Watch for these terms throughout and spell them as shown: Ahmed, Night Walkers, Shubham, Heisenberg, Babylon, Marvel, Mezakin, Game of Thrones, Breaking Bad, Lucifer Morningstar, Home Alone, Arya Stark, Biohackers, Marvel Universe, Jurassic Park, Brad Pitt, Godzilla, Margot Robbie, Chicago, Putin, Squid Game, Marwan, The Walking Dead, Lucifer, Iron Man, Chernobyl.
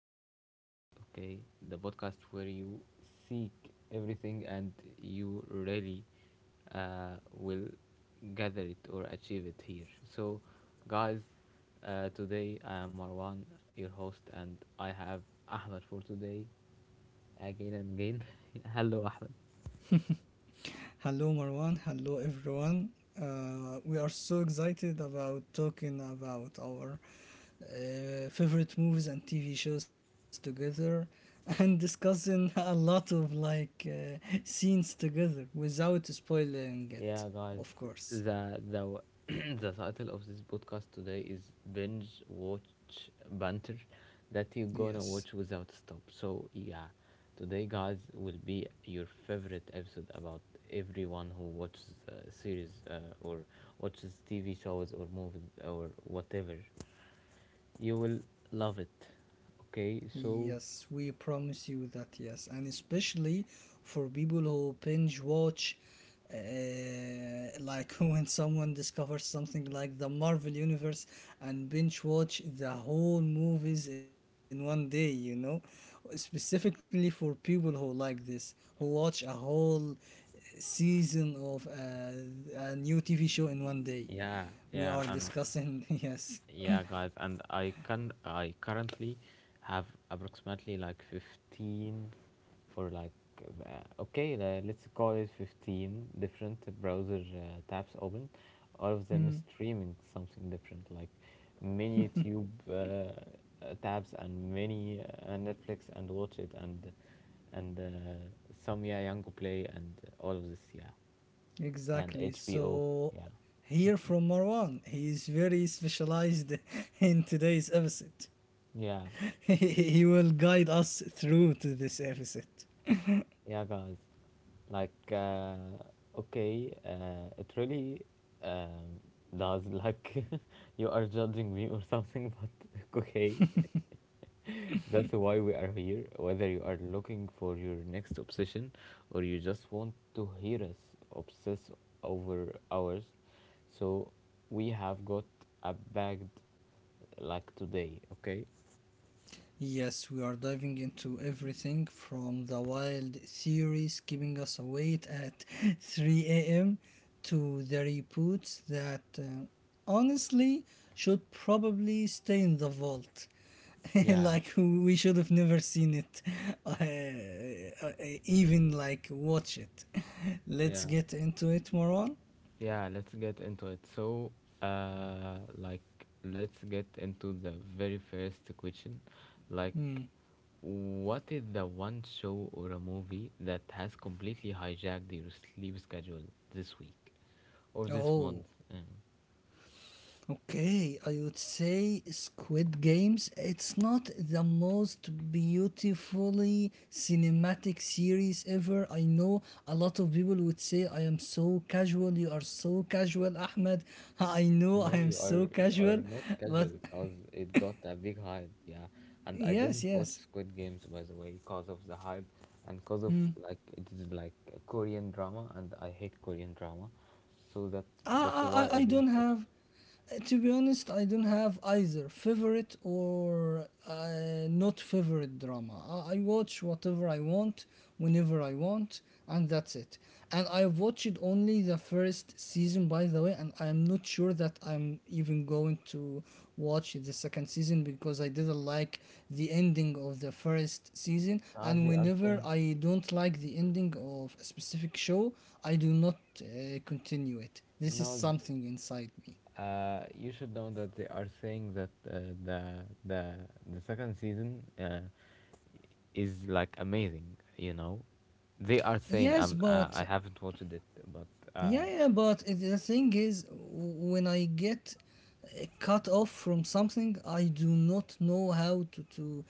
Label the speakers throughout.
Speaker 1: my podcast. Okay, the podcast where you seek everything and you really will gather it or achieve it here. So, guys, today I am Marwan, your host, and I have Ahmed for today again and again. Hello, Ahmed.
Speaker 2: Hello, Marwan. Hello, everyone. We are so excited about talking about our favorite movies and TV shows together and discussing a lot of like scenes together without spoiling it,
Speaker 1: Yeah, guys,
Speaker 2: of course.
Speaker 1: the the title of this podcast today is binge watch banter that you're gonna watch
Speaker 2: Yes.
Speaker 1: without stop. So yeah, today guys will be your favorite episode about everyone who watches series or watches TV shows or movies or whatever. You will love it. Okay, so
Speaker 2: Yes, we promise you that, yes. And especially for people who binge watch, like when someone discovers something like the Marvel Universe and binge watch the whole movies in one day, you know? Specifically for people who like this, who watch a whole season of a new TV show in one day.
Speaker 1: yeah,
Speaker 2: We are
Speaker 1: yeah, I'm
Speaker 2: discussing, yes.
Speaker 1: Yeah, guys, and I currently have approximately like 15 or like okay, let's call it 15 different browser tabs open. All of them is streaming something different, like many YouTube tabs and many Netflix and watch it and some yeah Yango Play and all of this yeah and
Speaker 2: Exactly.
Speaker 1: HBO
Speaker 2: So,
Speaker 1: yeah
Speaker 2: here from Marwan, he is very specialized in today's episode.
Speaker 1: yeah.
Speaker 2: He will guide us through to this episode.
Speaker 1: Yeah, guys. Like, okay, it really um, does. Like, you are judging me or something, but okay, that's why we are here. Whether you are looking for your next obsession or you just want to hear us obsess over ours, so we have got a bagged like today, okay?
Speaker 2: Yes, we are diving into everything from the wild theories keeping us awake at 3 a.m. to the reboots that honestly should probably stay in the vault.
Speaker 1: Yeah,
Speaker 2: Like we should have never seen it, uh, uh, even like watch it. Let's
Speaker 1: yeah.
Speaker 2: get into it, Moron.
Speaker 1: Yeah, let's get into it. So, like, let's get into the very first question. Like,
Speaker 2: Hmm.
Speaker 1: what is the one show or a movie that has completely hijacked your sleep schedule this week or this month?
Speaker 2: Oh.
Speaker 1: Uh,
Speaker 2: Okay, I would say Squid Games. It's not the most beautifully cinematic series ever. I know a lot of people would say, I am so casual. You are so casual, Ahmed. I know I
Speaker 1: No,
Speaker 2: am so
Speaker 1: you are
Speaker 2: casual.
Speaker 1: not
Speaker 2: But
Speaker 1: casual because it got a big hype, yeah. And I
Speaker 2: yes,
Speaker 1: didn't watch
Speaker 2: yes.
Speaker 1: Squid Games by the way because of the hype and because of like it is like a Korean drama and I hate Korean drama, so that
Speaker 2: I,
Speaker 1: that's
Speaker 2: I,
Speaker 1: why
Speaker 2: I
Speaker 1: I
Speaker 2: I
Speaker 1: didn't
Speaker 2: don't
Speaker 1: watch it.
Speaker 2: have. To be honest, I don't have either favorite or not favorite drama. I watch whatever I want, whenever I want, and that's it. And I've watched only the first season, by the way, and I'm not sure that I'm even going to watch the second season because I didn't like the ending of the first season.
Speaker 1: Now
Speaker 2: And
Speaker 1: they are
Speaker 2: whenever
Speaker 1: saying
Speaker 2: I don't like the ending of a specific show, I do not continue it. This is
Speaker 1: now
Speaker 2: something inside me.
Speaker 1: you should know that they are saying that the the second season is like amazing, you know. They are saying
Speaker 2: Yes, but
Speaker 1: I haven't watched it, but. Uh,
Speaker 2: yeah, yeah, but the thing is, when I get cut off from something, I do not know how to to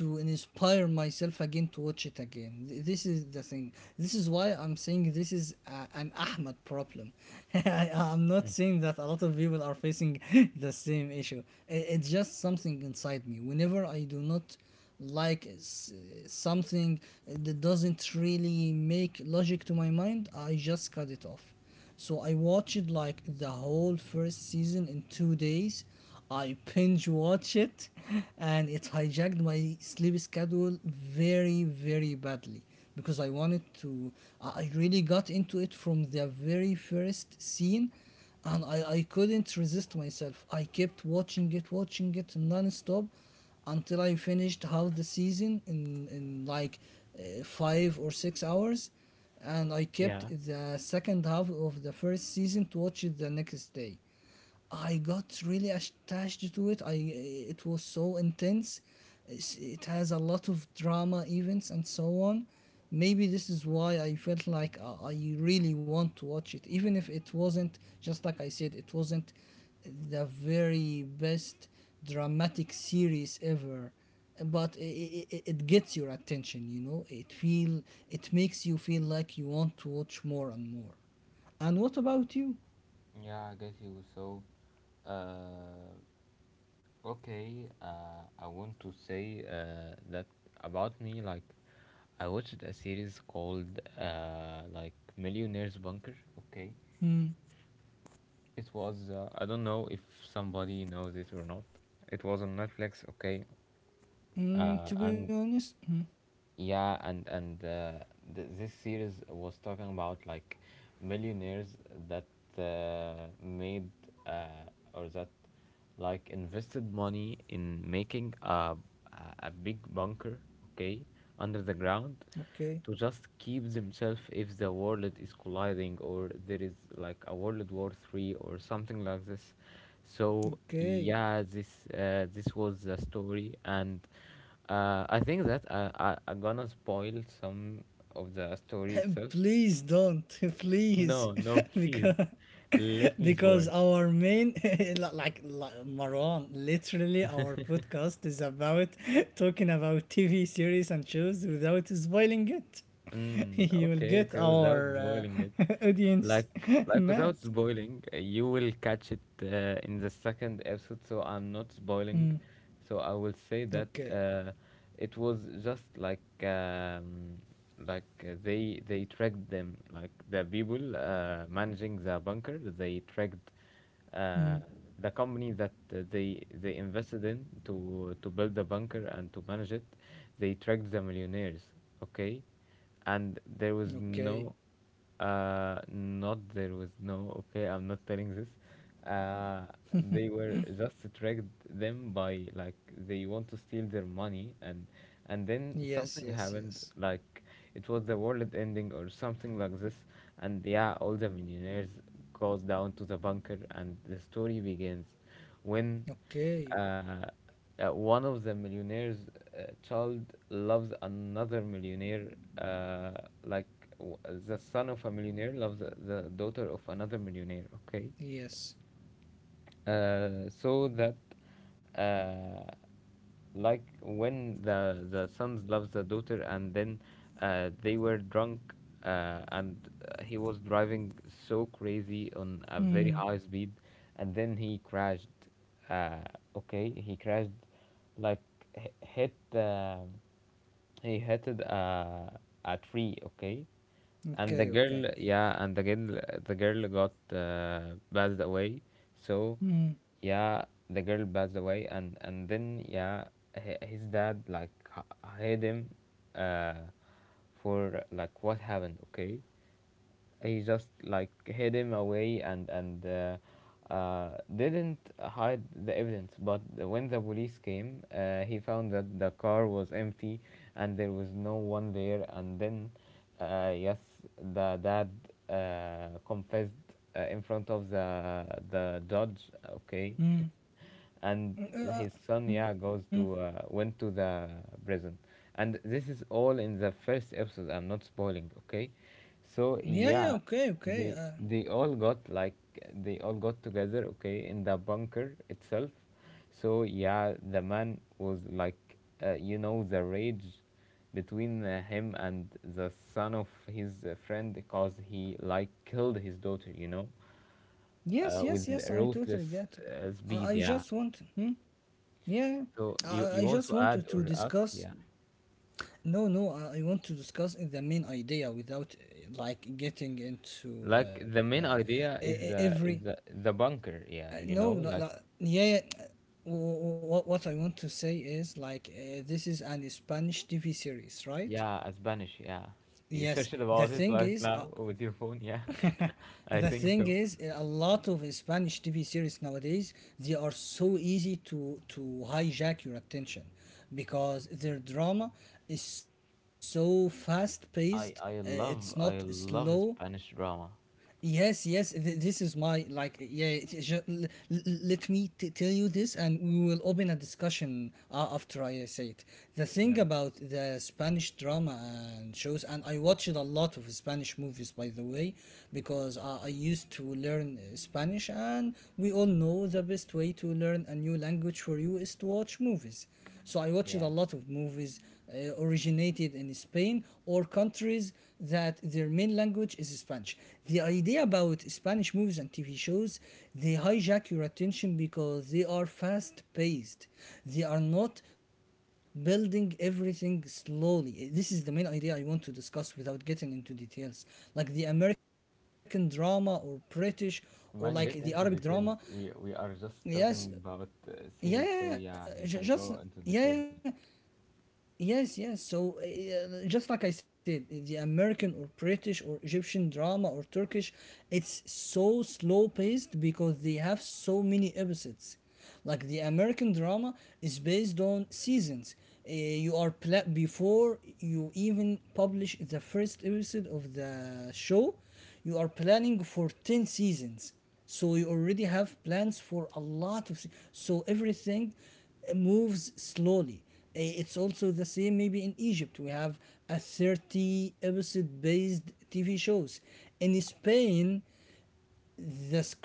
Speaker 2: to inspire myself again to watch it again. This is the thing. This is why I'm saying this is an Ahmed problem. I'm not saying that a lot of people are facing the same issue. It's just something inside me. Whenever I do not like something that doesn't really make logic to my mind, I just cut it off. So I watched like the whole first season in 2 days. I binge watched it and it hijacked my sleep schedule very, very badly because I wanted to. I really got into it from the very first scene, and I couldn't resist myself. I kept watching it non stop until I finished half the season in like 5 or 6 hours, and I kept
Speaker 1: Yeah.
Speaker 2: the second half of the first season to watch it the next day. I got really attached to it. I it was so intense. It has a lot of drama events and so on. Maybe this is why I felt like I really want to watch it, even if it wasn't, just like I said, it wasn't the very best dramatic series ever, but it gets your attention, it feel it makes you feel like you want to watch more and more. And what about you?
Speaker 1: Yeah, I guess you. So, uh, okay, I want to say that about me. Like, I watched a series called like Millionaire's Bunker. Okay, it was. I don't know if somebody knows it or not. It was on Netflix. Okay,
Speaker 2: To be
Speaker 1: and
Speaker 2: honest,
Speaker 1: yeah, this series was talking about like millionaires that made or that like invested money in making a a big bunker, okay, under the ground,
Speaker 2: okay,
Speaker 1: to just keep themselves if the world is colliding or there is like a world war 3 or something like this. So
Speaker 2: okay.
Speaker 1: yeah, this this was the story. And I think that I I'm gonna spoil some of the story itself.
Speaker 2: Please don't, please,
Speaker 1: No no, please
Speaker 2: because
Speaker 1: let me
Speaker 2: because
Speaker 1: spoil.
Speaker 2: our main Marwan, literally our podcast is about talking about TV series and shows without spoiling it.
Speaker 1: Mm,
Speaker 2: You will
Speaker 1: okay,
Speaker 2: get
Speaker 1: okay, without
Speaker 2: our
Speaker 1: spoiling it.
Speaker 2: audience
Speaker 1: Like without
Speaker 2: mad.
Speaker 1: spoiling, you will catch it in the second episode, so I'm not spoiling.
Speaker 2: Mm,
Speaker 1: So I will
Speaker 2: okay.
Speaker 1: say that it was just like they tracked them, like the people managing the bunker, they tracked
Speaker 2: Mm,
Speaker 1: uh, the company that they invested in to build the bunker and to manage it, they tracked the millionaires, okay, and there
Speaker 2: okay.
Speaker 1: was no, not there was no, okay, I'm not telling this, uh, they were just tracked them by like they want to steal their money. And
Speaker 2: Yes,
Speaker 1: then
Speaker 2: yes,
Speaker 1: something
Speaker 2: yes.
Speaker 1: happened like it was the world ending or something like this. And yeah, all the millionaires goes down to the bunker, and the story begins when uh,
Speaker 2: Okay.
Speaker 1: one of the millionaire's child loves another millionaire, uh, like w- the son of a millionaire loves the daughter of another millionaire. Okay,
Speaker 2: Yes.
Speaker 1: so that uh, like when the sons loves the daughter. And then they were drunk and he was driving so crazy on a very
Speaker 2: Mm,
Speaker 1: high speed, and then he crashed, uh, okay he crashed like h- hit the he hated a tree, okay? And the
Speaker 2: okay,
Speaker 1: girl,
Speaker 2: okay.
Speaker 1: yeah, and the girl got passed away. So,
Speaker 2: Mm,
Speaker 1: yeah, the girl passed away, and then yeah, his dad like hid him, uh, for like what happened, okay? He just like hid him away and didn't hide the evidence. But when the police came, he found that the car was empty and there was no one there. And then, yes, the dad confessed in front of the judge. Okay,
Speaker 2: mm.
Speaker 1: and
Speaker 2: Mm,
Speaker 1: his son
Speaker 2: mm.
Speaker 1: yeah goes to went to the prison. And this is all in the first episode, I'm not spoiling, okay.
Speaker 2: Yeah,
Speaker 1: So
Speaker 2: yeah, okay,
Speaker 1: yeah,
Speaker 2: okay.
Speaker 1: they they all got like they all got together, okay, in the bunker itself. So yeah, the man was like you know, the rage between him and the son of his friend because he like killed his daughter, you know,
Speaker 2: Yes, yes, yes.
Speaker 1: with
Speaker 2: I totally get
Speaker 1: ruthless
Speaker 2: it. I
Speaker 1: speed,
Speaker 2: just
Speaker 1: yeah.
Speaker 2: want. Hmm? Yeah, yeah.
Speaker 1: So you
Speaker 2: I
Speaker 1: you want
Speaker 2: just
Speaker 1: to
Speaker 2: wanted
Speaker 1: add
Speaker 2: to
Speaker 1: or ask?
Speaker 2: discuss.
Speaker 1: Yeah,
Speaker 2: No, no. I want to discuss the main idea without like getting
Speaker 1: like
Speaker 2: into
Speaker 1: the main idea is
Speaker 2: every.
Speaker 1: the bunker.
Speaker 2: Uh,
Speaker 1: Yeah, you know,
Speaker 2: no, not,
Speaker 1: like
Speaker 2: not, yeah. What I want to say is like this is an Spanish TV series, right?
Speaker 1: yeah, Spanish, yeah. You
Speaker 2: Yes,
Speaker 1: searched
Speaker 2: the
Speaker 1: about it
Speaker 2: thing
Speaker 1: right
Speaker 2: is,
Speaker 1: now with your phone, yeah. I
Speaker 2: the
Speaker 1: think
Speaker 2: thing
Speaker 1: so.
Speaker 2: is a lot of Spanish TV series nowadays, they are so easy to hijack your attention because their drama is so fast paced,
Speaker 1: I
Speaker 2: it's
Speaker 1: I
Speaker 2: not
Speaker 1: love I
Speaker 2: slow.
Speaker 1: love Spanish drama.
Speaker 2: Yes, yes. This is my like. Yeah, it- is ju- l- l- let me tell you this, and we will open a discussion after I say it. The
Speaker 1: Yeah,
Speaker 2: thing about the Spanish drama and shows, and I watched a lot of Spanish movies, by the way, because I used to learn Spanish, and we all know the best way to learn a new language for you is to watch movies. So I watched
Speaker 1: yeah.
Speaker 2: a lot of movies originated in Spain or countries that their main language is Spanish. The idea about Spanish movies and TV shows, they hijack your attention because they are fast paced. They are not building everything slowly. This is the main idea I want to discuss without getting into details. Like the American drama or British, or like the
Speaker 1: Man, get
Speaker 2: Arabic
Speaker 1: into details.
Speaker 2: drama.
Speaker 1: We are just talking
Speaker 2: Yes,
Speaker 1: about series,
Speaker 2: yeah, yeah,
Speaker 1: so yeah,
Speaker 2: yeah,
Speaker 1: you
Speaker 2: yeah,
Speaker 1: can
Speaker 2: ju-
Speaker 1: go
Speaker 2: just
Speaker 1: into details.
Speaker 2: yeah, yeah. Yes, yes. So, just like I said, the American or British or Egyptian drama or Turkish, it's so slow paced because they have so many episodes. Like the American drama is based on seasons. Before you even publish the first episode of the show, you are planning for 10 seasons. So you already have plans for a lot of. So everything moves slowly. It's also the same maybe in Egypt. We have a 30 episode based TV shows. In Spain,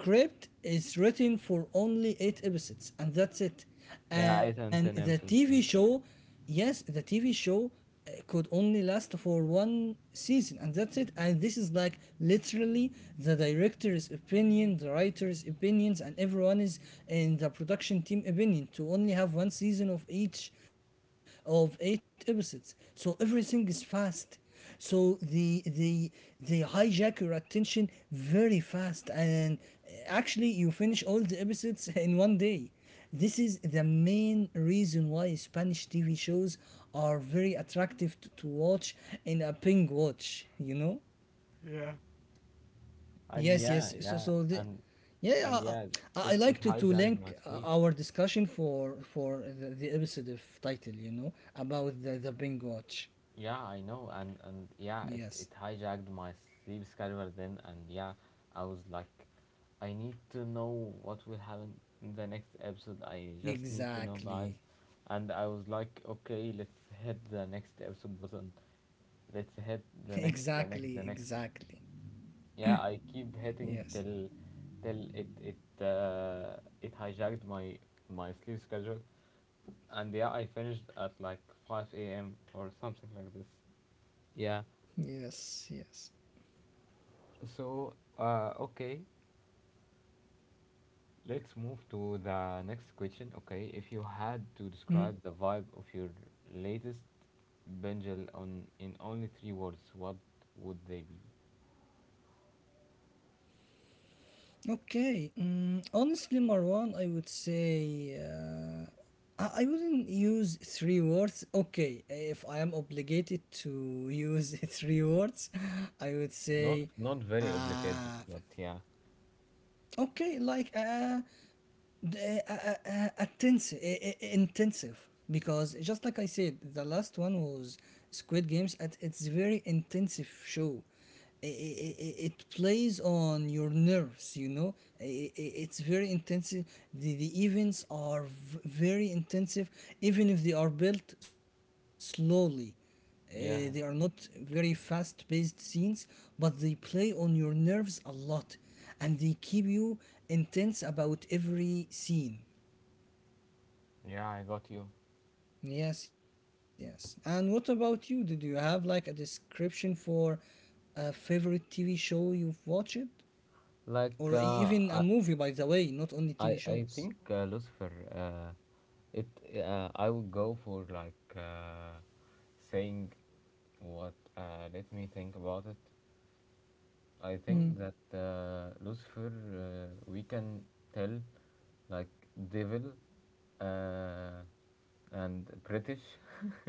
Speaker 2: the script is written for only eight episodes, and that's it.
Speaker 1: Yeah, eight and
Speaker 2: And
Speaker 1: ten
Speaker 2: the
Speaker 1: episodes, yeah.
Speaker 2: TV show, yes, the TV show could only last for one season, and that's it. And this is like literally the director's opinion, the writer's opinions, and everyone is in the production team opinion to only have one season of each of eight episodes. So everything is fast, so they hijack your attention very fast, and actually you finish all the episodes in one day. This is the main reason why Spanish TV shows are very attractive to watch in a ping watch. You know.
Speaker 1: Yeah. And
Speaker 2: Yes,
Speaker 1: yeah,
Speaker 2: yes. So
Speaker 1: yeah,
Speaker 2: so the. Yeah,
Speaker 1: and yeah,
Speaker 2: I,
Speaker 1: it
Speaker 2: I I
Speaker 1: it
Speaker 2: like to
Speaker 1: hijacked my
Speaker 2: link
Speaker 1: sleep.
Speaker 2: our discussion for the episode of title, about the Bing Watch.
Speaker 1: Yeah, I know, and yeah, it
Speaker 2: Yes,
Speaker 1: hijacked my sleep schedule then, and yeah, I was like, I need to know what will happen in the next episode. I just need to know, guys,
Speaker 2: exactly.
Speaker 1: and I was like, okay, let's hit the next episode button. Let's hit the next, the next, the
Speaker 2: Exactly,
Speaker 1: next.
Speaker 2: exactly.
Speaker 1: Yeah, I keep hitting
Speaker 2: Yes,
Speaker 1: till till it it it hijacked my my sleep schedule, and yeah, I finished at like 5 a.m. or something like this. Yeah.
Speaker 2: yes, yes.
Speaker 1: So, okay, let's move to the next question. Okay, if you had to
Speaker 2: Mm.
Speaker 1: describe the vibe of your latest bingel on in only three words, what would they be?
Speaker 2: Okay. Mm, honestly, Marwan, I would say I wouldn't use three words. Okay, if I am obligated to use three words, I would
Speaker 1: Not
Speaker 2: say
Speaker 1: not very obligated,
Speaker 2: uh,
Speaker 1: but yeah.
Speaker 2: okay, like the, uh, uh, intensive, intensive, because just like I said, the last one was Squid Games, and it's a very intensive show. It plays on your nerves, you know. It's very intensive. The events are very intensive, even if they are built slowly. They are
Speaker 1: Yeah,
Speaker 2: not very fast paced scenes, but they play on your nerves a lot, and they keep you intense about every scene.
Speaker 1: yeah, I got you.
Speaker 2: Yes, yes. And what about you? Did you have like a description for a favorite TV show you've watched?
Speaker 1: Like
Speaker 2: Or even a movie, by the way, not only
Speaker 1: I
Speaker 2: TV
Speaker 1: think
Speaker 2: shows.
Speaker 1: Lucifer. It I would go for like saying what. Let me think about it. I
Speaker 2: Hmm.
Speaker 1: think that Lucifer. We can tell like devil, uh, and British,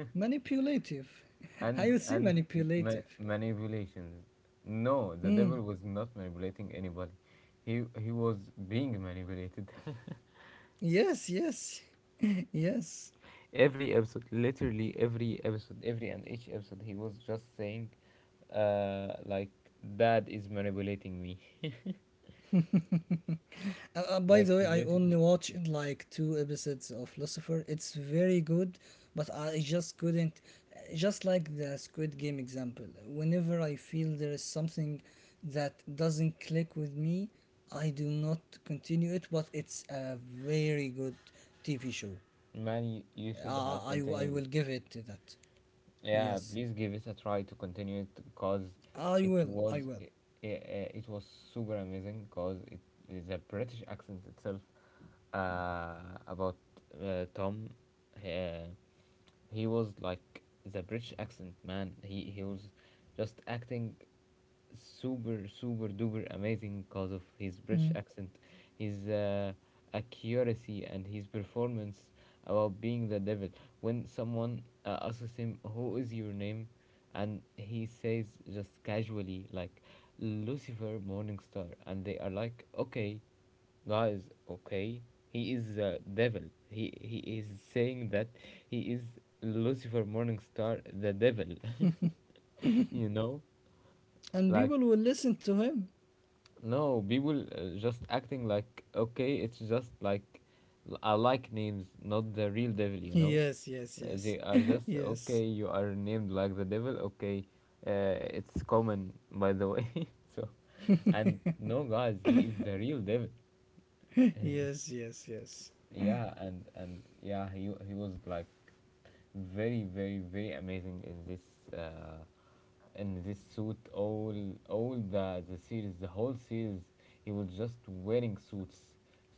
Speaker 2: I would
Speaker 1: and
Speaker 2: say manipulative.
Speaker 1: manipulations. No, the devil
Speaker 2: Hmm.
Speaker 1: was not manipulating anybody. He was being manipulated.
Speaker 2: Yes, yes. Yes.
Speaker 1: Every episode, literally every episode, every and each episode, he was just saying like, dad is manipulating me.
Speaker 2: By the
Speaker 1: Like
Speaker 2: way,
Speaker 1: he
Speaker 2: I only
Speaker 1: literally,
Speaker 2: watched like two episodes of Lucifer. It's very good, but I just couldn't. Just like the Squid Game example, whenever I feel there is something that doesn't click with me, I do not continue it. But it's a very good TV show.
Speaker 1: man,
Speaker 2: I,
Speaker 1: you should
Speaker 2: I will
Speaker 1: have
Speaker 2: give it
Speaker 1: continued
Speaker 2: to
Speaker 1: it.
Speaker 2: that. Yes,
Speaker 1: Yeah, please give it a try to continue it, because
Speaker 2: I
Speaker 1: it
Speaker 2: will. I
Speaker 1: was
Speaker 2: will.
Speaker 1: it, it was super amazing. Because it, the British accent itself, uh, about Tom, uh, he was like, the British accent, man, he was just acting super super duper amazing because of his British
Speaker 2: Mm.
Speaker 1: accent, his accuracy, and his performance about being the devil. When someone asks him, "Who is your name?" and he says just casually like, Lucifer Morningstar, and they are like, "Okay, guys, okay, he is the devil. He is saying that he is Lucifer Morningstar, the devil." You know,
Speaker 2: And
Speaker 1: like
Speaker 2: people will listen to him.
Speaker 1: no, people just acting like, okay, it's just like, I like names, not the real devil, you know?
Speaker 2: Yes, yes, yes.
Speaker 1: They are just,
Speaker 2: Yes.
Speaker 1: okay, you are named like the devil, okay, it's common, by the way. So, and no, guys, he is the real devil.
Speaker 2: Yes, yes, yes.
Speaker 1: Yeah, and yeah, he was like, very very very amazing uh, in this suit. All the series, the whole series, he was just wearing suits.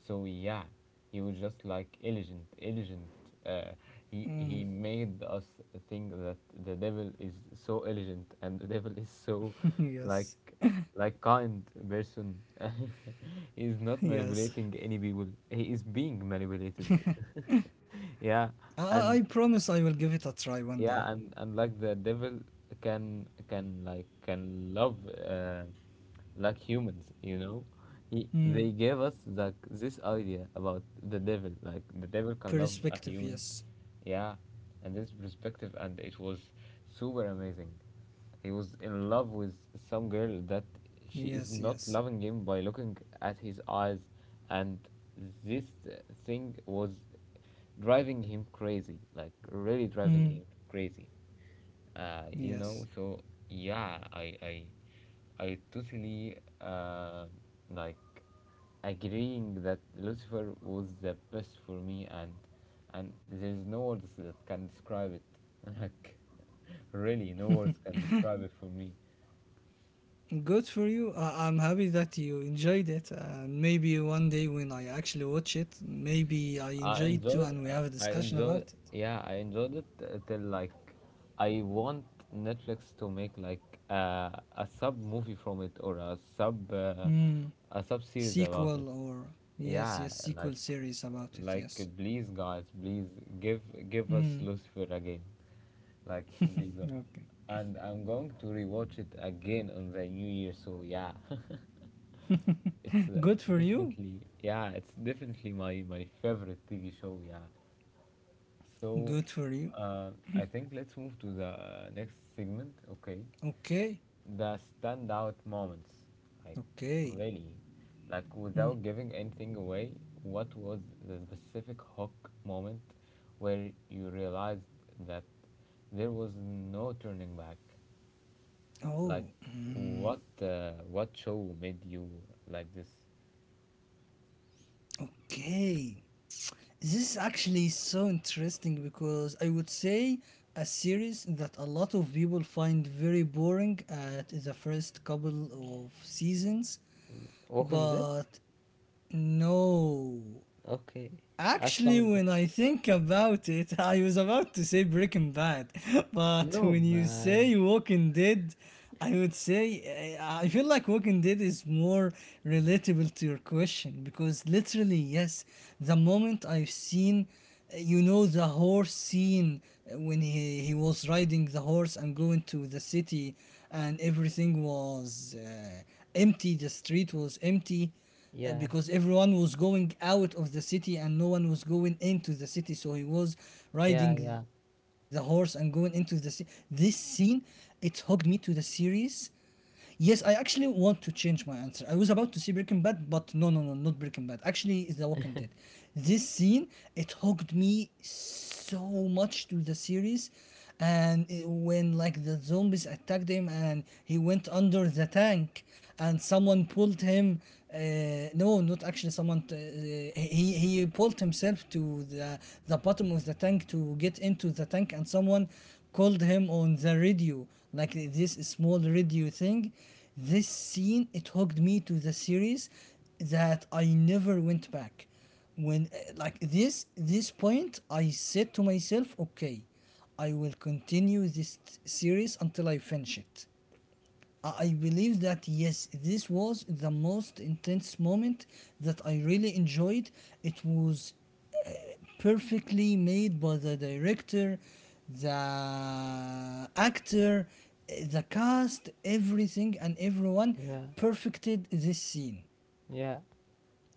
Speaker 1: So yeah, he was just like elegant, elegant, uh, he
Speaker 2: Mm,
Speaker 1: made us think that the devil is so elegant, and the devil is so like
Speaker 2: yes,
Speaker 1: like kind person. He is not manipulating
Speaker 2: yes.
Speaker 1: any people, he is being manipulated. Yeah.
Speaker 2: I
Speaker 1: And
Speaker 2: promise I will give it a try one
Speaker 1: yeah,
Speaker 2: day.
Speaker 1: and like the devil can love uh, like humans, you know, he, they
Speaker 2: Mm,
Speaker 1: gave us like this idea about the devil, like the devil can love a human.
Speaker 2: perspective, yes.
Speaker 1: Yeah, and this perspective, and it was super amazing. He was in love with some girl that she is not
Speaker 2: Yes,
Speaker 1: loving him,
Speaker 2: yes.
Speaker 1: by looking at his eyes. And this uh, thing was driving him crazy, like really driving him
Speaker 2: Mm,
Speaker 1: crazy. You know,
Speaker 2: yes.
Speaker 1: so yeah, I totally like agreeing that Lucifer was the best for me, and there's no words that can describe it. Like really no words can describe it for me.
Speaker 2: Good for you. I'm happy that you enjoyed it. And maybe one day when I actually watch it, maybe I enjoy it too, and we have a
Speaker 1: I
Speaker 2: discussion about
Speaker 1: enjoy.
Speaker 2: it.
Speaker 1: Yeah, I enjoyed it till like, I want Netflix to make uh, a sub movie from it or
Speaker 2: Mm,
Speaker 1: a sub series about
Speaker 2: sequel
Speaker 1: it.
Speaker 2: or. Yes, yes,
Speaker 1: Yeah,
Speaker 2: sequel
Speaker 1: like
Speaker 2: series about it, yes.
Speaker 1: like please guys, please give give
Speaker 2: Mm,
Speaker 1: us Lucifer again. Like please guys.
Speaker 2: okay.
Speaker 1: And I'm going to rewatch it again on the new year, so yeah. It's
Speaker 2: Good for you.
Speaker 1: Definitely, yeah, it's definitely my favorite TV show, yeah. So,
Speaker 2: Good for you.
Speaker 1: I think let's move to the next segment, okay?
Speaker 2: Okay.
Speaker 1: The standout moments, like
Speaker 2: Okay.
Speaker 1: really, like
Speaker 2: Mm.
Speaker 1: without giving anything away, what was the specific hook moment where you realized that there was no turning back? Like,
Speaker 2: Oh, mm,
Speaker 1: what show made you like this?
Speaker 2: okay. This is actually so interesting because I would say a series that a lot of people find very boring at the first couple of seasons,
Speaker 1: Walking Dead?
Speaker 2: but no,
Speaker 1: Okay, I
Speaker 2: actually,
Speaker 1: found.
Speaker 2: when I think about it, I was about to say Breaking Bad, but
Speaker 1: No,
Speaker 2: when you
Speaker 1: man.
Speaker 2: say Walking Dead, I would say I feel like Walking Dead is more relatable to your question because literally, yes, the moment I've seen, you know, the horse scene when he was riding the horse and going to the city, and everything was empty, the street was empty,
Speaker 1: Yeah,
Speaker 2: because everyone was going out of the city and no one was going into the city, so he was riding
Speaker 1: yeah,
Speaker 2: the
Speaker 1: yeah,
Speaker 2: horse and going into the city. This scene, it hooked me to the series. Yes, I actually want to change my answer. I was about to say Breaking Bad, but no, not Breaking Bad. Actually, it's The Walking Dead. This scene, it hooked me so much to the series, and when like the zombies attacked him and he went under the tank, and someone pulled him. No, not actually someone. He pulled himself to the bottom of the tank to get into the tank, and someone called him on the radio, like this small radio thing. This scene, it hooked me to the series that I never went back. When, like this point, I said to myself, okay, I will continue this series until I finish it. I believe that yes, this was the most intense moment that I really enjoyed. It was perfectly made by the director, the actor, the cast, everything and everyone
Speaker 1: yeah,
Speaker 2: perfected this scene.
Speaker 1: yeah.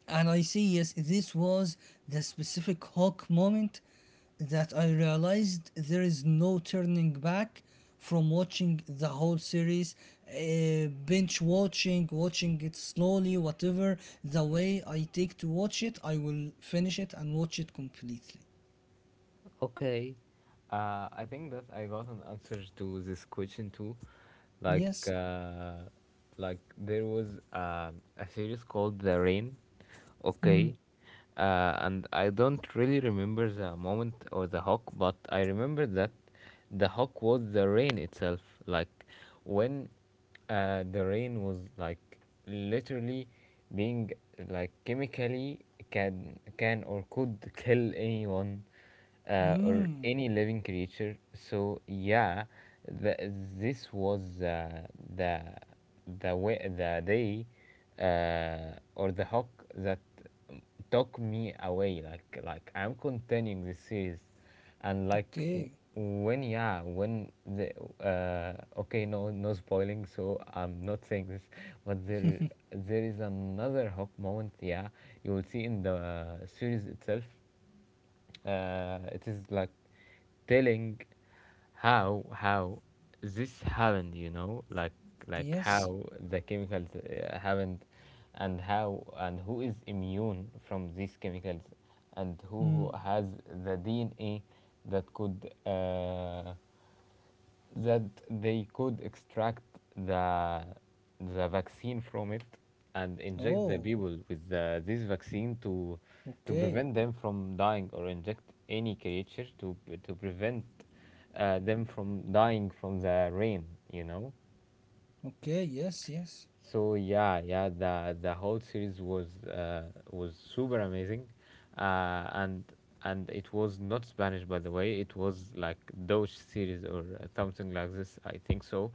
Speaker 2: And I say, yes, this was the specific Hulk moment that I realized there is no turning back from watching the whole series, binge watching, watching it slowly, whatever. The way I take to watch it, I will finish it and watch it completely.
Speaker 1: Okay, I think that I got an answer to this question too. Like,
Speaker 2: Yes.
Speaker 1: uh, like there was a series called The Rain.
Speaker 2: Mm.
Speaker 1: Okay, and I don't really remember the moment or the hawk, but I remember that the hawk was the rain itself. Like when the rain was like literally being like chemically can or could kill anyone or
Speaker 2: Mm.
Speaker 1: any living creature. So yeah, the, this was the the way the day or the hawk that took me away. Like I'm continuing this series, and
Speaker 2: Okay.
Speaker 1: when yeah when the okay no no spoiling. So I'm not saying this, but there there is another hawk moment. Yeah, you will see in the series itself, it is like telling how this happened, you know, like
Speaker 2: Yes.
Speaker 1: how the chemicals happened, and how and who is immune from these chemicals, and who
Speaker 2: Mm.
Speaker 1: has the dna that could that they could extract the the vaccine from it and inject the
Speaker 2: Oh.
Speaker 1: people with this vaccine to
Speaker 2: Okay.
Speaker 1: prevent them from dying, or inject any creature to prevent them from dying from the rain, you know.
Speaker 2: Okay. Yes. Yes.
Speaker 1: So yeah, yeah, the whole series was super amazing, uh, and and it was not Spanish, by the way. It was like Deutsch series or something like this. I think so.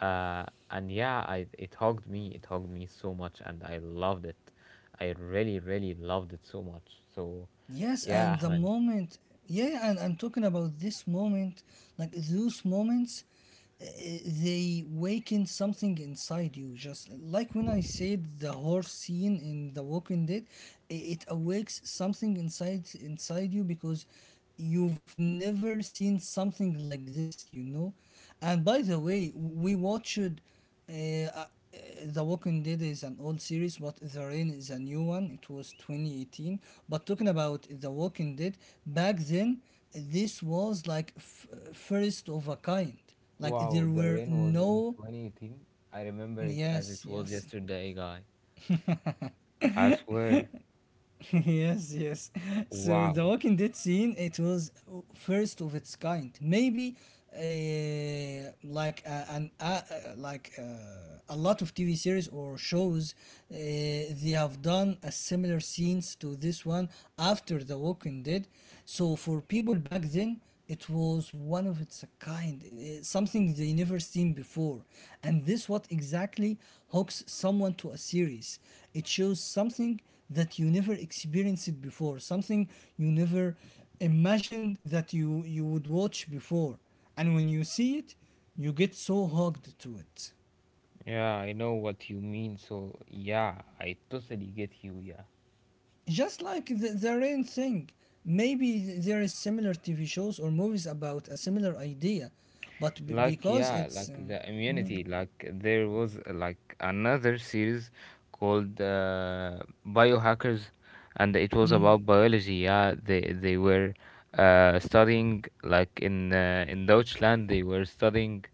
Speaker 1: uh, and yeah, I it hugged me. It hugged me so much, and I loved it. I really, really loved it so much. So,
Speaker 2: Yes,
Speaker 1: yeah,
Speaker 2: and the
Speaker 1: Ahmed.
Speaker 2: moment, yeah, yeah, and I'm talking about this moment, like those moments, uh, they waken something inside you. Just like when I said the horse scene in The Walking Dead, it awakes something inside you because you've never seen something like this, you know. And by the way, we watched. Uh, uh, the Walking Dead is an old series, but The Rain is a new one. It was 2018. But talking about The Walking Dead, back then, this was like first of a kind. Like there
Speaker 1: Wow, the
Speaker 2: were
Speaker 1: rain was in
Speaker 2: no.
Speaker 1: 2018. I remember it as
Speaker 2: Yes,
Speaker 1: it was
Speaker 2: yes.
Speaker 1: yesterday, guy. I swear.
Speaker 2: Yes, yes. So the
Speaker 1: Wow.
Speaker 2: Walking Dead scene, it was first of its kind. Maybe like an like a lot of TV series or shows, they have done a similar scenes to this one after The Walking Dead. So for people back then, it was one of its kind, something they never seen before. And this what exactly hooks someone to a series. It shows something that you never experienced it before, something you never imagined that you would watch before. And when you see it, you get so hooked to it.
Speaker 1: Yeah, I know what you mean. So, yeah, I totally get you. Yeah.
Speaker 2: Just like the rain thing. Maybe there is similar TV shows or movies about a similar idea, but
Speaker 1: Like,
Speaker 2: because
Speaker 1: yeah,
Speaker 2: it's
Speaker 1: like the immunity. Like, there was like another series called Biohackers, and it was about biology. Yeah, they were studying like in Deutschland. They were studying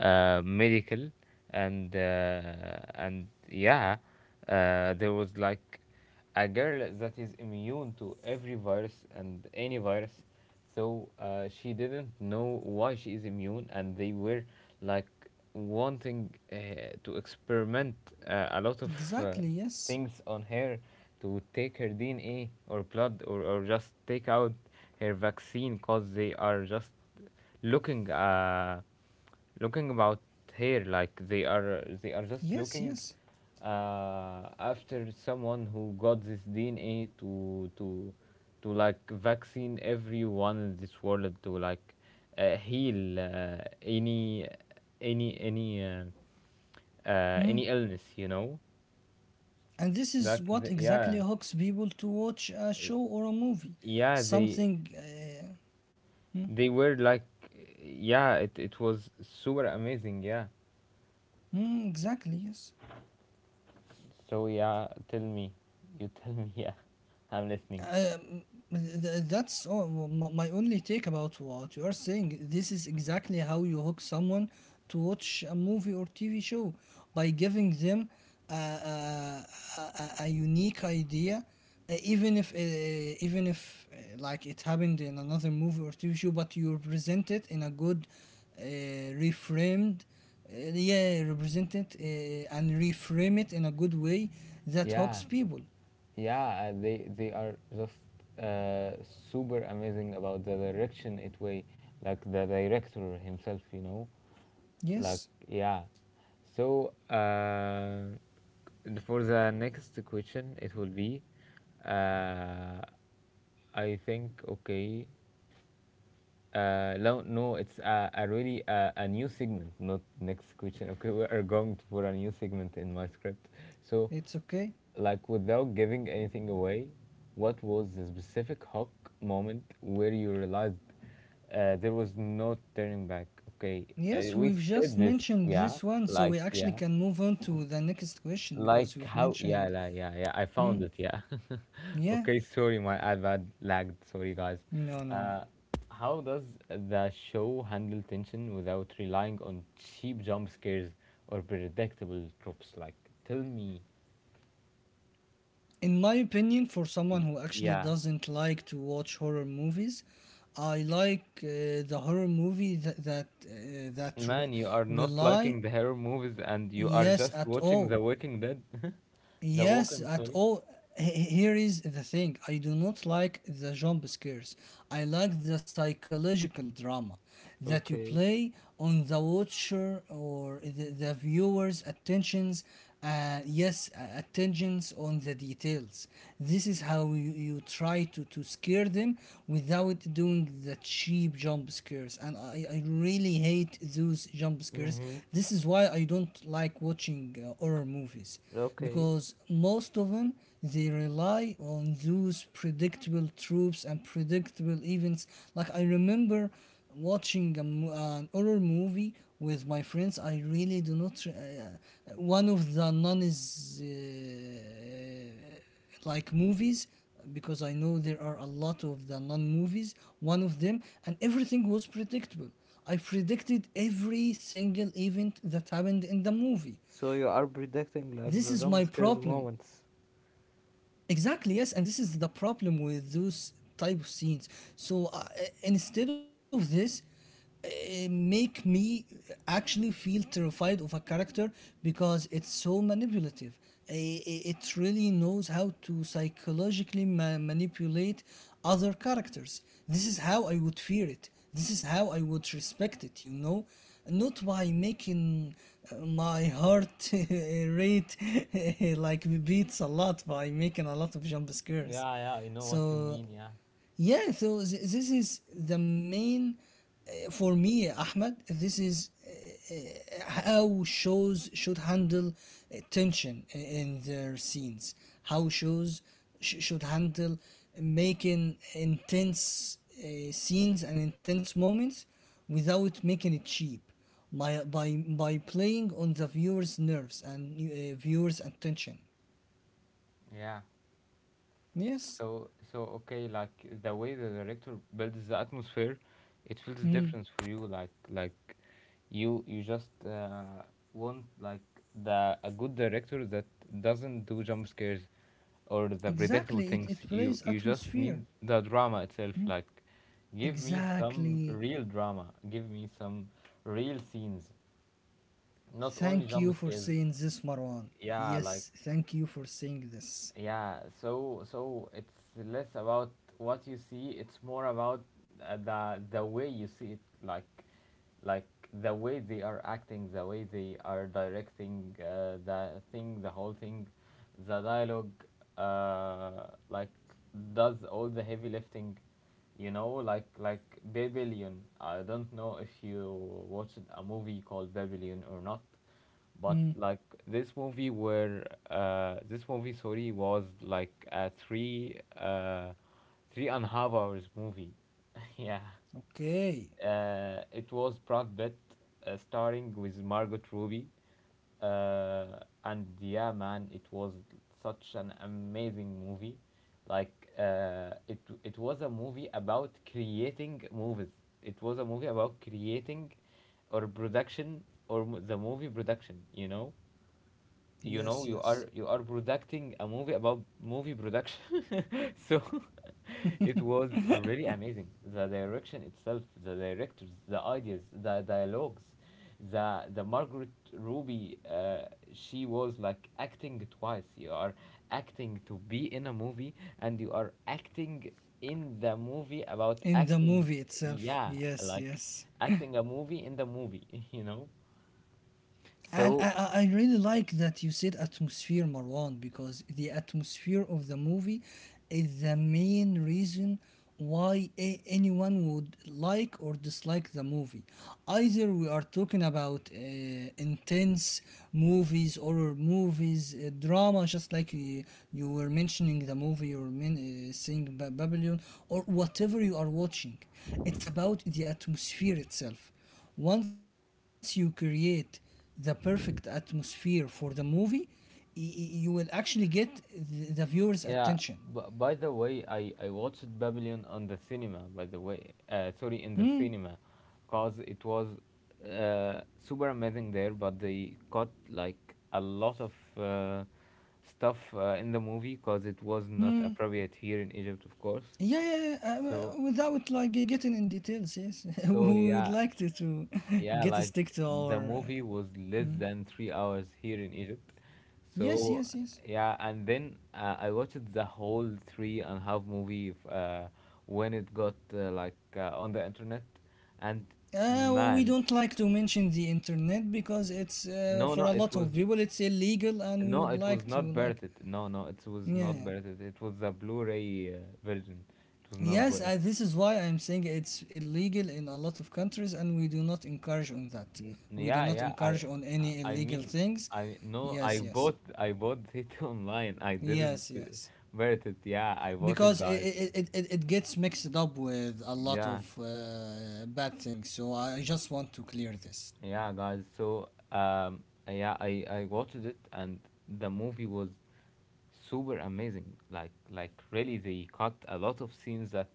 Speaker 1: medical, and yeah, there was like a girl that is immune to every virus and any virus. So she didn't know why she is immune, and they were like wanting to experiment a lot of uh,
Speaker 2: exactly yes,
Speaker 1: things on her to take her DNA or blood, or just take out her vaccine, because they are just looking. Looking about here, like they are just
Speaker 2: yes, yes.
Speaker 1: looking after someone who got this DNA to like vaccine everyone in this world to like heal any any any uh,
Speaker 2: Mm.
Speaker 1: any illness, you know,
Speaker 2: And this is what exactly
Speaker 1: yeah,
Speaker 2: hooks people to watch a
Speaker 1: y-
Speaker 2: show or a movie.
Speaker 1: yeah they
Speaker 2: Something hmm,
Speaker 1: they were like, yeah, it was super amazing, yeah.
Speaker 2: mm, exactly, yes.
Speaker 1: So yeah, tell me, you tell me. Yeah, I'm listening.
Speaker 2: Um, that's all, my only take about what you are saying. This is exactly how you hook someone to watch a movie or TV show by giving them a, a, a unique idea, uh, even if uh, even if like it happened in another movie or TV show, but you present it in a good, reframed, yeah, represent it and reframe it in a good way that
Speaker 1: Yeah,
Speaker 2: hooks people.
Speaker 1: yeah, they are just uh, super amazing about the direction it way, like the director himself, you know, like
Speaker 2: Yes,
Speaker 1: yeah. So and for the next question, it will be, uh, I think okay. No, it's a really a new segment, not next question. Okay, we are going for a new segment in my script. So,
Speaker 2: it's okay.
Speaker 1: like without giving anything away, what was the specific Hawk moment where you realized there was no turning back? Okay,
Speaker 2: Yes,
Speaker 1: we
Speaker 2: we've just
Speaker 1: said this,
Speaker 2: mentioned this one, so we actually
Speaker 1: yeah,
Speaker 2: can move on to the next question because
Speaker 1: like
Speaker 2: we've
Speaker 1: how? Yeah,
Speaker 2: mentioned.
Speaker 1: la, yeah, yeah. I
Speaker 2: Hmm,
Speaker 1: found it. Yeah.
Speaker 2: yeah,
Speaker 1: Okay. Sorry, my iPad lagged. Sorry, guys.
Speaker 2: no.
Speaker 1: Uh, how does the show handle tension without relying on cheap jump scares or predictable tropes? Like, tell me.
Speaker 2: In my opinion, for someone who actually
Speaker 1: Yeah,
Speaker 2: doesn't like to watch horror movies, I like the horror movie that that
Speaker 1: man, you are not
Speaker 2: rely,
Speaker 1: liking the horror movies, and you are
Speaker 2: yes,
Speaker 1: just
Speaker 2: at
Speaker 1: watching
Speaker 2: all.
Speaker 1: The Walking Dead. The
Speaker 2: Yes,
Speaker 1: Walking,
Speaker 2: at
Speaker 1: sorry.
Speaker 2: all. Here is the thing. I do not like the jump scares. I like the psychological drama that you
Speaker 1: Okay.
Speaker 2: play on the watcher, or the viewer's attentions. Yes, attentions on the details. This is how you try to scare them without doing the cheap jump scares. And I really hate those jump scares.
Speaker 1: Mm-hmm.
Speaker 2: This is why I don't like watching horror movies
Speaker 1: Okay.
Speaker 2: because most of them, they rely on those predictable tropes and predictable events. Like I remember watching an horror movie with my friends. I really do not. One of the non is. Uh, like movies because I know there are a lot of the non movies, one of them, and everything was predictable. I predicted every single event that happened in the movie. This is my problem. Exactly, yes, and this is the problem with those type of scenes. So, instead of this, make me actually feel terrified of a character because it's so manipulative. It really knows how to psychologically manipulate other characters. This is how I would fear it. This is how I would respect it, you know, not by making my heart rate like beats a lot by making a lot of jump scares.
Speaker 1: Yeah, yeah. I know what you
Speaker 2: So
Speaker 1: mean. Yeah.
Speaker 2: yeah, so this is the main, for me, Ahmed. This is how shows should handle tension in their scenes, how shows should handle making intense scenes and intense moments without making it cheap by by playing on the viewers nerves and viewers attention.
Speaker 1: Yeah.
Speaker 2: Yes.
Speaker 1: So so okay, like the way the director builds the atmosphere, it feels
Speaker 2: Mm,
Speaker 1: different for you. Like you just want like the a good director that doesn't do jump scares or the predictable
Speaker 2: exactly, it
Speaker 1: things. You
Speaker 2: plays
Speaker 1: you just
Speaker 2: atmosphere.
Speaker 1: need the drama itself. Like give me some
Speaker 2: Exactly.
Speaker 1: real drama. Give me some real scenes. Not only
Speaker 2: Thank you
Speaker 1: jump
Speaker 2: for
Speaker 1: scares.
Speaker 2: saying this, Marwan.
Speaker 1: Yeah, like
Speaker 2: Yes. Thank you for saying this.
Speaker 1: yeah so so it's less about what you see, it's more about the way you see it, like the way they are acting, the way they are directing the whole thing, the dialogue, like does all the heavy lifting, you know, like Babylon. I don't know if you watched a movie called Babylon or not, but like this movie were this movie sorry was like a three three and a half hours movie. Yeah.
Speaker 2: Okay.
Speaker 1: Uh, it was Brad Pitt starring with Margot Robbie. Uh, and yeah man, it was such an amazing movie. Like uh, it was a movie about creating movies. It was a movie about creating or production or the movie production, you know?
Speaker 2: Yes,
Speaker 1: You know,
Speaker 2: yes.
Speaker 1: you are producing a movie about movie production. So it was really amazing, the direction itself, the directors, the ideas, the dialogues, the Margaret Ruby, she was like acting twice. You are acting to be in a movie and you are acting in the movie about
Speaker 2: In the
Speaker 1: acting,
Speaker 2: movie itself.
Speaker 1: yeah,
Speaker 2: Yes,
Speaker 1: like
Speaker 2: yes.
Speaker 1: acting a movie in the movie. You know,
Speaker 2: And I
Speaker 1: so
Speaker 2: really like that you said atmosphere, Marwan, because the atmosphere of the movie is the main reason why anyone would like or dislike the movie. Either we are talking about intense movies, or movies, drama, just like you were mentioning the movie you were saying Babylon, or whatever you are watching. It's about the atmosphere itself. Once you create the perfect atmosphere for the movie, you will actually get the viewers attention.
Speaker 1: yeah, but by the way, I watched Babylon on the cinema. By the way, sorry, in the cinema, cause it was super amazing there. But they cut like a lot of stuff in the movie, cause it was not appropriate here in Egypt, of course.
Speaker 2: Yeah, yeah, yeah.
Speaker 1: So
Speaker 2: Without like getting in details, yes,
Speaker 1: so
Speaker 2: we would
Speaker 1: yeah,
Speaker 2: like to
Speaker 1: yeah,
Speaker 2: get a
Speaker 1: like
Speaker 2: stick to
Speaker 1: the
Speaker 2: our
Speaker 1: movie was less than 3 hours here in Egypt.
Speaker 2: yes,
Speaker 1: So,
Speaker 2: yes, yes.
Speaker 1: yeah, and then I watched the whole three and a half movie when it got on the internet. And
Speaker 2: We
Speaker 1: man,
Speaker 2: don't like to mention the internet because it's
Speaker 1: no,
Speaker 2: for
Speaker 1: no,
Speaker 2: a
Speaker 1: it
Speaker 2: lot
Speaker 1: was
Speaker 2: of people it's illegal, and we
Speaker 1: no,
Speaker 2: would
Speaker 1: it was
Speaker 2: like to
Speaker 1: not
Speaker 2: like
Speaker 1: pirated. No, no, it was not
Speaker 2: yeah.
Speaker 1: pirated. It was a Blu-ray version. It was not
Speaker 2: Yes, and this is why I'm saying it's illegal in a lot of countries, and we do not encourage on that. We do
Speaker 1: Yeah,
Speaker 2: not
Speaker 1: yeah. I,
Speaker 2: encourage on
Speaker 1: I
Speaker 2: any
Speaker 1: I
Speaker 2: illegal
Speaker 1: mean,
Speaker 2: things.
Speaker 1: I no.
Speaker 2: Yes, yes,
Speaker 1: I bought it online. I didn't
Speaker 2: yes, yes.
Speaker 1: birth it. Yeah, I bought it,
Speaker 2: Because it
Speaker 1: guys.
Speaker 2: it, it, it it gets mixed up with a lot of
Speaker 1: Yeah,
Speaker 2: bad things. So I just want to clear this.
Speaker 1: yeah, guys. So, yeah, I watched it, and the movie was super amazing. Like really, they cut a lot of scenes that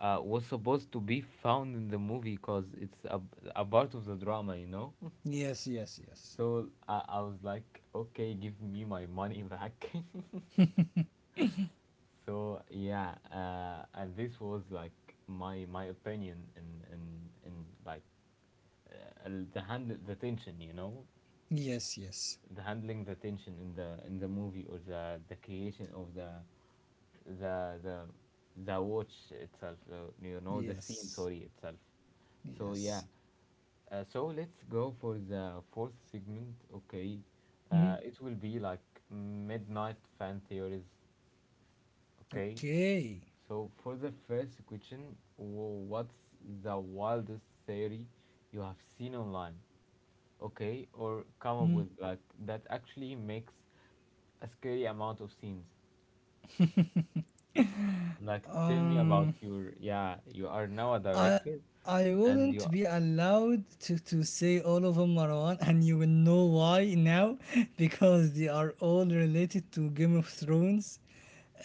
Speaker 1: was supposed to be found in the movie because it's a part of the drama, you know.
Speaker 2: Yes, yes, yes,
Speaker 1: So I was like, okay, give me my money back. So yeah, and this was like my opinion in in like the handle the tension, you know,
Speaker 2: yes, yes,
Speaker 1: the handling the tension in the movie, or the creation of the the watch itself, you know, the scene,
Speaker 2: yes,
Speaker 1: sorry, itself. So yeah,
Speaker 2: yes.
Speaker 1: so let's go for the fourth segment. Okay,
Speaker 2: Hmm.
Speaker 1: it will be like midnight fan theories. Okay,
Speaker 2: Okay.
Speaker 1: so for the first question, what's the wildest theory you have seen online? Okay, or come up
Speaker 2: Hmm.
Speaker 1: with, like, that actually makes a scary amount of scenes. Like, tell me about
Speaker 2: Um.
Speaker 1: your, yeah, you are now a
Speaker 2: I
Speaker 1: director,
Speaker 2: I
Speaker 1: and you
Speaker 2: wouldn't be allowed to say all of them, Marwan, and you will know why now because they are all related to Game of Thrones,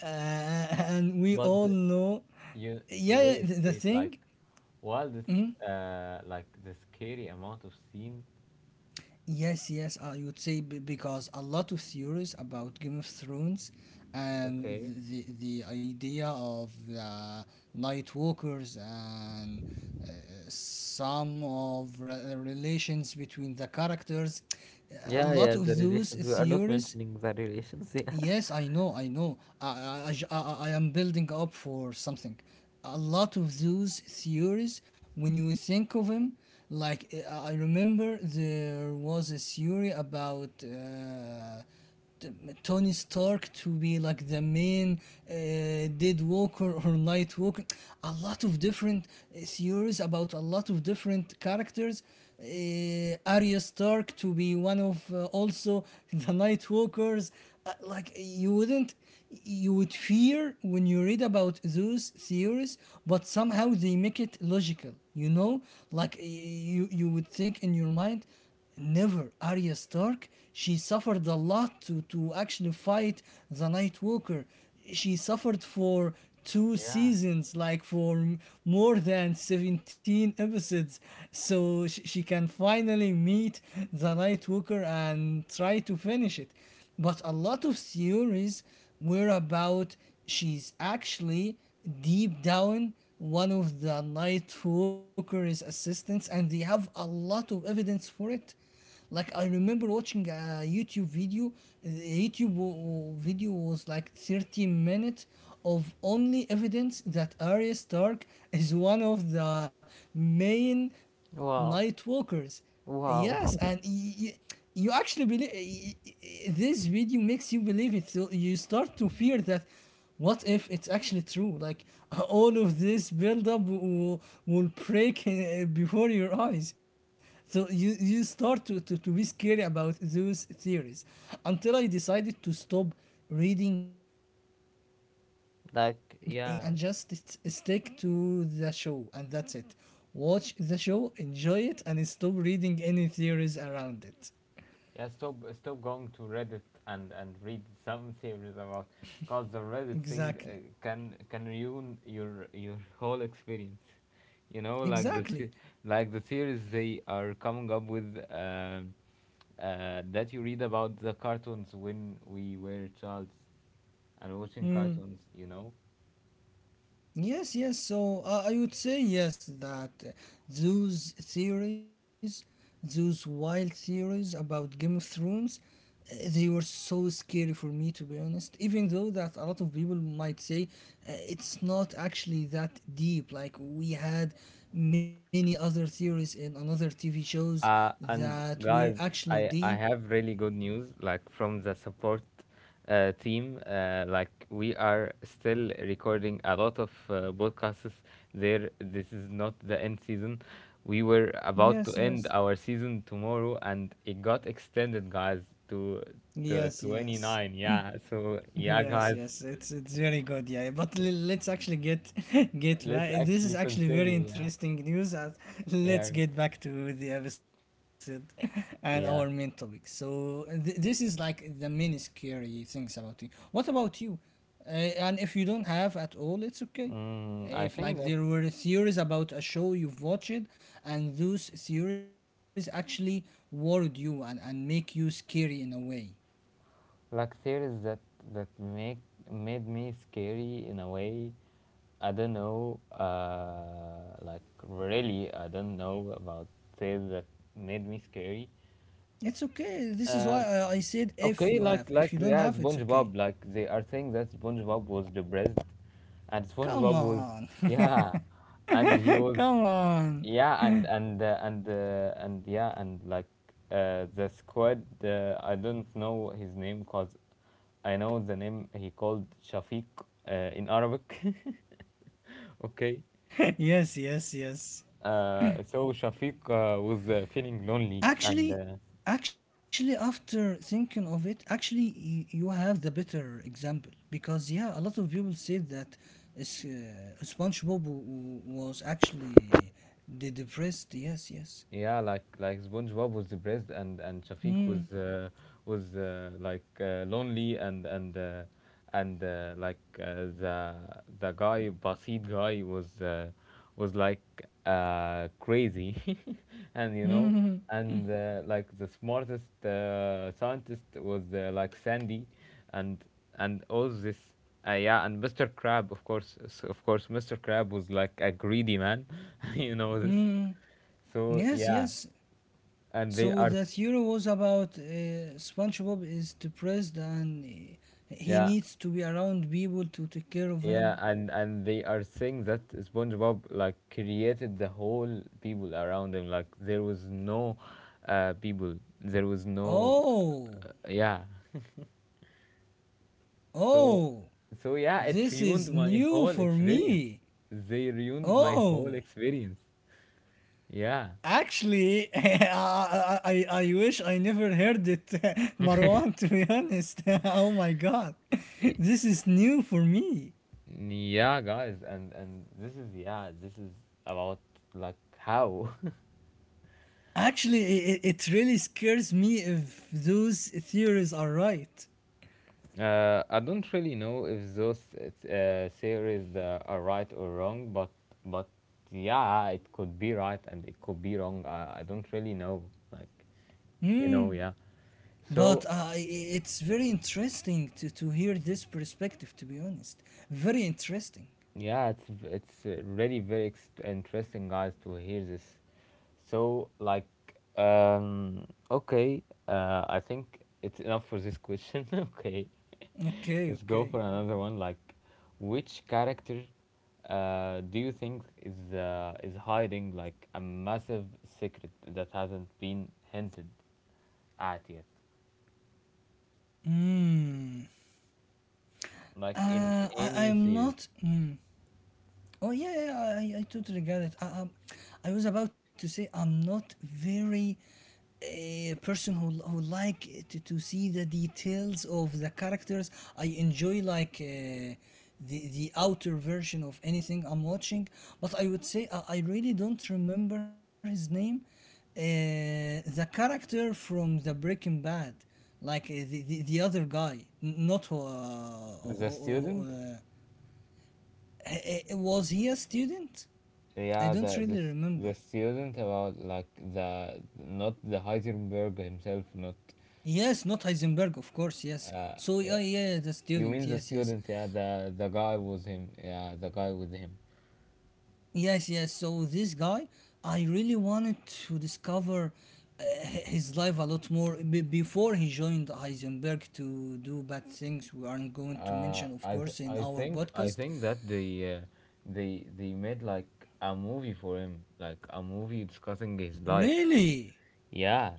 Speaker 2: and we
Speaker 1: but
Speaker 2: all
Speaker 1: the-
Speaker 2: know.
Speaker 1: you
Speaker 2: Yeah, yeah,
Speaker 1: wait
Speaker 2: the
Speaker 1: wait, like
Speaker 2: thing.
Speaker 1: wildest like the scary amount of scene.
Speaker 2: Yes, yes, I would say because a lot of theories about Game of Thrones and
Speaker 1: Okay.
Speaker 2: idea of the Night Walkers and, uh, some of relations between the characters, a
Speaker 1: Yeah,
Speaker 2: lot
Speaker 1: yeah, the
Speaker 2: of those
Speaker 1: relations. We are not
Speaker 2: theories.
Speaker 1: mentioning the relations. Yeah.
Speaker 2: Yes, I know, I know. I, j- I am building up for something. A lot of those theories, when you think of them, like, I remember there was a theory about, Tony Stark to be like the main, uh, Dead Walker or Night Walker. A lot of different series about a lot of different characters. Arya Stark to be one of, also the Night Walkers. Like you wouldn't, you would fear when you read about those theories, but somehow they make it logical. You know, like you would think in your mind, never Arya Stark. She suffered a lot to actually fight the Night Walker. She suffered for two
Speaker 1: Yeah.
Speaker 2: seasons, like for more than 17 episodes. So she can finally meet the Night Walker and try to finish it. But a lot of theories whereabout she's actually deep down one of the Night Walker's assistants, and they have a lot of evidence for it. Like I remember watching a YouTube video. The video was like 30 minutes of only evidence that Arya Stark is one of the main Night
Speaker 1: Wow.
Speaker 2: Walkers. Yes, and
Speaker 1: Wow.
Speaker 2: you actually believe this video makes you believe it. So you start to fear that what if it's actually true? Like all of this buildup will break before your eyes. So you start to be scary about those theories until I decided to stop reading any theory, watch any
Speaker 1: Like,
Speaker 2: theory,
Speaker 1: yeah,
Speaker 2: and just stick to the show, and that's it. Watch the show, enjoy it, and stop reading any theories around it.
Speaker 1: yeah. Stop, stop going to Reddit and read some theories about, cause the Reddit thing,
Speaker 2: Exactly.
Speaker 1: can ruin your whole experience. You know, like
Speaker 2: Exactly.
Speaker 1: like the theories they are coming up with, that you read about the cartoons when we were childs and watching
Speaker 2: Hmm.
Speaker 1: cartoons. You know,
Speaker 2: Yes, yes. I would say yes that those theories, those wild theories about Game of Thrones, they were so scary, for me to be honest. Even though that a lot of people might say it's not actually that deep. Like we had many other theories in another TV shows that
Speaker 1: And
Speaker 2: were
Speaker 1: guys,
Speaker 2: actually deep.
Speaker 1: I have really good news, like from the support team. Like we are still recording a lot of podcasts. There, this is not the end season. We were about
Speaker 2: Yes,
Speaker 1: to end
Speaker 2: yes.
Speaker 1: our season tomorrow, and it got extended, guys, to to
Speaker 2: Yes, yes.
Speaker 1: 29. Yeah. So yeah,
Speaker 2: Yes,
Speaker 1: guys,
Speaker 2: yes, it's very good, yeah. But let's actually get get back.
Speaker 1: let's
Speaker 2: This is
Speaker 1: actually
Speaker 2: actually very
Speaker 1: continue. Yeah.
Speaker 2: interesting news. Let's
Speaker 1: Yeah.
Speaker 2: get back to the episode and our main
Speaker 1: Yeah.
Speaker 2: topic. So this is like the main scary things about you. What about you? Uh, and if you don't have at all, it's okay.
Speaker 1: Mm, I
Speaker 2: If
Speaker 1: think
Speaker 2: like
Speaker 1: that
Speaker 2: there were theories about a show you've watched, and those theories actually worried you and make you scary in a way.
Speaker 1: like theories that that make made me scary in a way, I don't know, like really I don't know about theories that made me scary,
Speaker 2: It's okay. This is why
Speaker 1: um,
Speaker 2: I said if
Speaker 1: okay,
Speaker 2: you have. If you
Speaker 1: like
Speaker 2: don't
Speaker 1: yeah,
Speaker 2: have, it's okay.
Speaker 1: SpongeBob. Like they are saying that SpongeBob was depressed, and
Speaker 2: Come
Speaker 1: SpongeBob was,
Speaker 2: on.
Speaker 1: yeah, and he was,
Speaker 2: Come on.
Speaker 1: yeah, and, like the squid. I don't know his name, cause I know the name he called Shafiq, in Arabic. Okay,
Speaker 2: Yes, yes, yes.
Speaker 1: so Shafiq was feeling lonely and.
Speaker 2: Actually, actually after thinking of it, actually you have the better example because yeah, a lot of people said that SpongeBob was actually depressed. Yes, yes.
Speaker 1: Yeah, like SpongeBob was depressed, and Shafiq
Speaker 2: Mm.
Speaker 1: was like lonely, and like the guy Basit guy was, like, crazy. and you know
Speaker 2: Mm.
Speaker 1: and like the smartest scientist was, like, Sandy, and and all this. Yeah, and Mr. Crab, of course, Mr. Crab was like a greedy man. You know this.
Speaker 2: Mm.
Speaker 1: So,
Speaker 2: Yes,
Speaker 1: yeah,
Speaker 2: yes.
Speaker 1: and they
Speaker 2: So
Speaker 1: are,
Speaker 2: that hero was about SpongeBob is depressed and he
Speaker 1: yeah,
Speaker 2: needs to be around people to take care of him.
Speaker 1: yeah, and they are saying that SpongeBob like created the whole people around him, like there was no people, there was no,
Speaker 2: Oh,
Speaker 1: yeah, so,
Speaker 2: oh,
Speaker 1: so, yeah, it
Speaker 2: this
Speaker 1: ruined
Speaker 2: is
Speaker 1: my whole
Speaker 2: new for
Speaker 1: experience.
Speaker 2: me.
Speaker 1: They ruined my whole
Speaker 2: Oh,
Speaker 1: experience. Yeah,
Speaker 2: actually, I wish I never heard it, Marwan. To be honest, oh my god, this is new for me.
Speaker 1: yeah, guys, and this is, yeah, this is about like how.
Speaker 2: Actually, it really scares me if those theories are right.
Speaker 1: I don't really know if those theories are right or wrong, but, yeah, it could be right and it could be wrong. I don't really know, like, you know, yeah. So
Speaker 2: But it's very interesting to hear this perspective, to be honest. Very interesting.
Speaker 1: yeah, it's really very interesting, guys, to hear this. So like, okay, I think it's enough for this question. Okay. Let's
Speaker 2: Okay,
Speaker 1: go for
Speaker 2: okay.
Speaker 1: another one. Like, which character do you think is, hiding like a massive secret that hasn't been hinted at yet?
Speaker 2: Hmm.
Speaker 1: Like, in any
Speaker 2: I'm
Speaker 1: series.
Speaker 2: not. Hmm. Oh yeah, yeah, I totally get it. I was about to say I'm not very a person who like to see the details of the characters. I enjoy like the outer version of anything I'm watching, but I would say I really don't remember his name. The character from the Breaking Bad, like the other guy, not who, who-
Speaker 1: The
Speaker 2: who- who-
Speaker 1: student.
Speaker 2: uh, was he a student? I
Speaker 1: Yeah,
Speaker 2: don't
Speaker 1: the
Speaker 2: really remember.
Speaker 1: the student. About like the, not the Heisenberg himself. Not.
Speaker 2: Yes, not Heisenberg, of course, yes. So, yeah,
Speaker 1: Yeah.
Speaker 2: yeah, the student,
Speaker 1: You
Speaker 2: yes,
Speaker 1: mean the
Speaker 2: yes.
Speaker 1: student? Yeah, the guy was him. Yeah, the guy with him.
Speaker 2: Yes, yes, so this guy, I really wanted to discover uh, his life a lot more before he joined Heisenberg to do bad things we aren't going to mention, of course, in
Speaker 1: I
Speaker 2: our
Speaker 1: think I
Speaker 2: podcast.
Speaker 1: think that they, they made like a movie for him, like a movie discussing his life.
Speaker 2: Really?
Speaker 1: Yeah,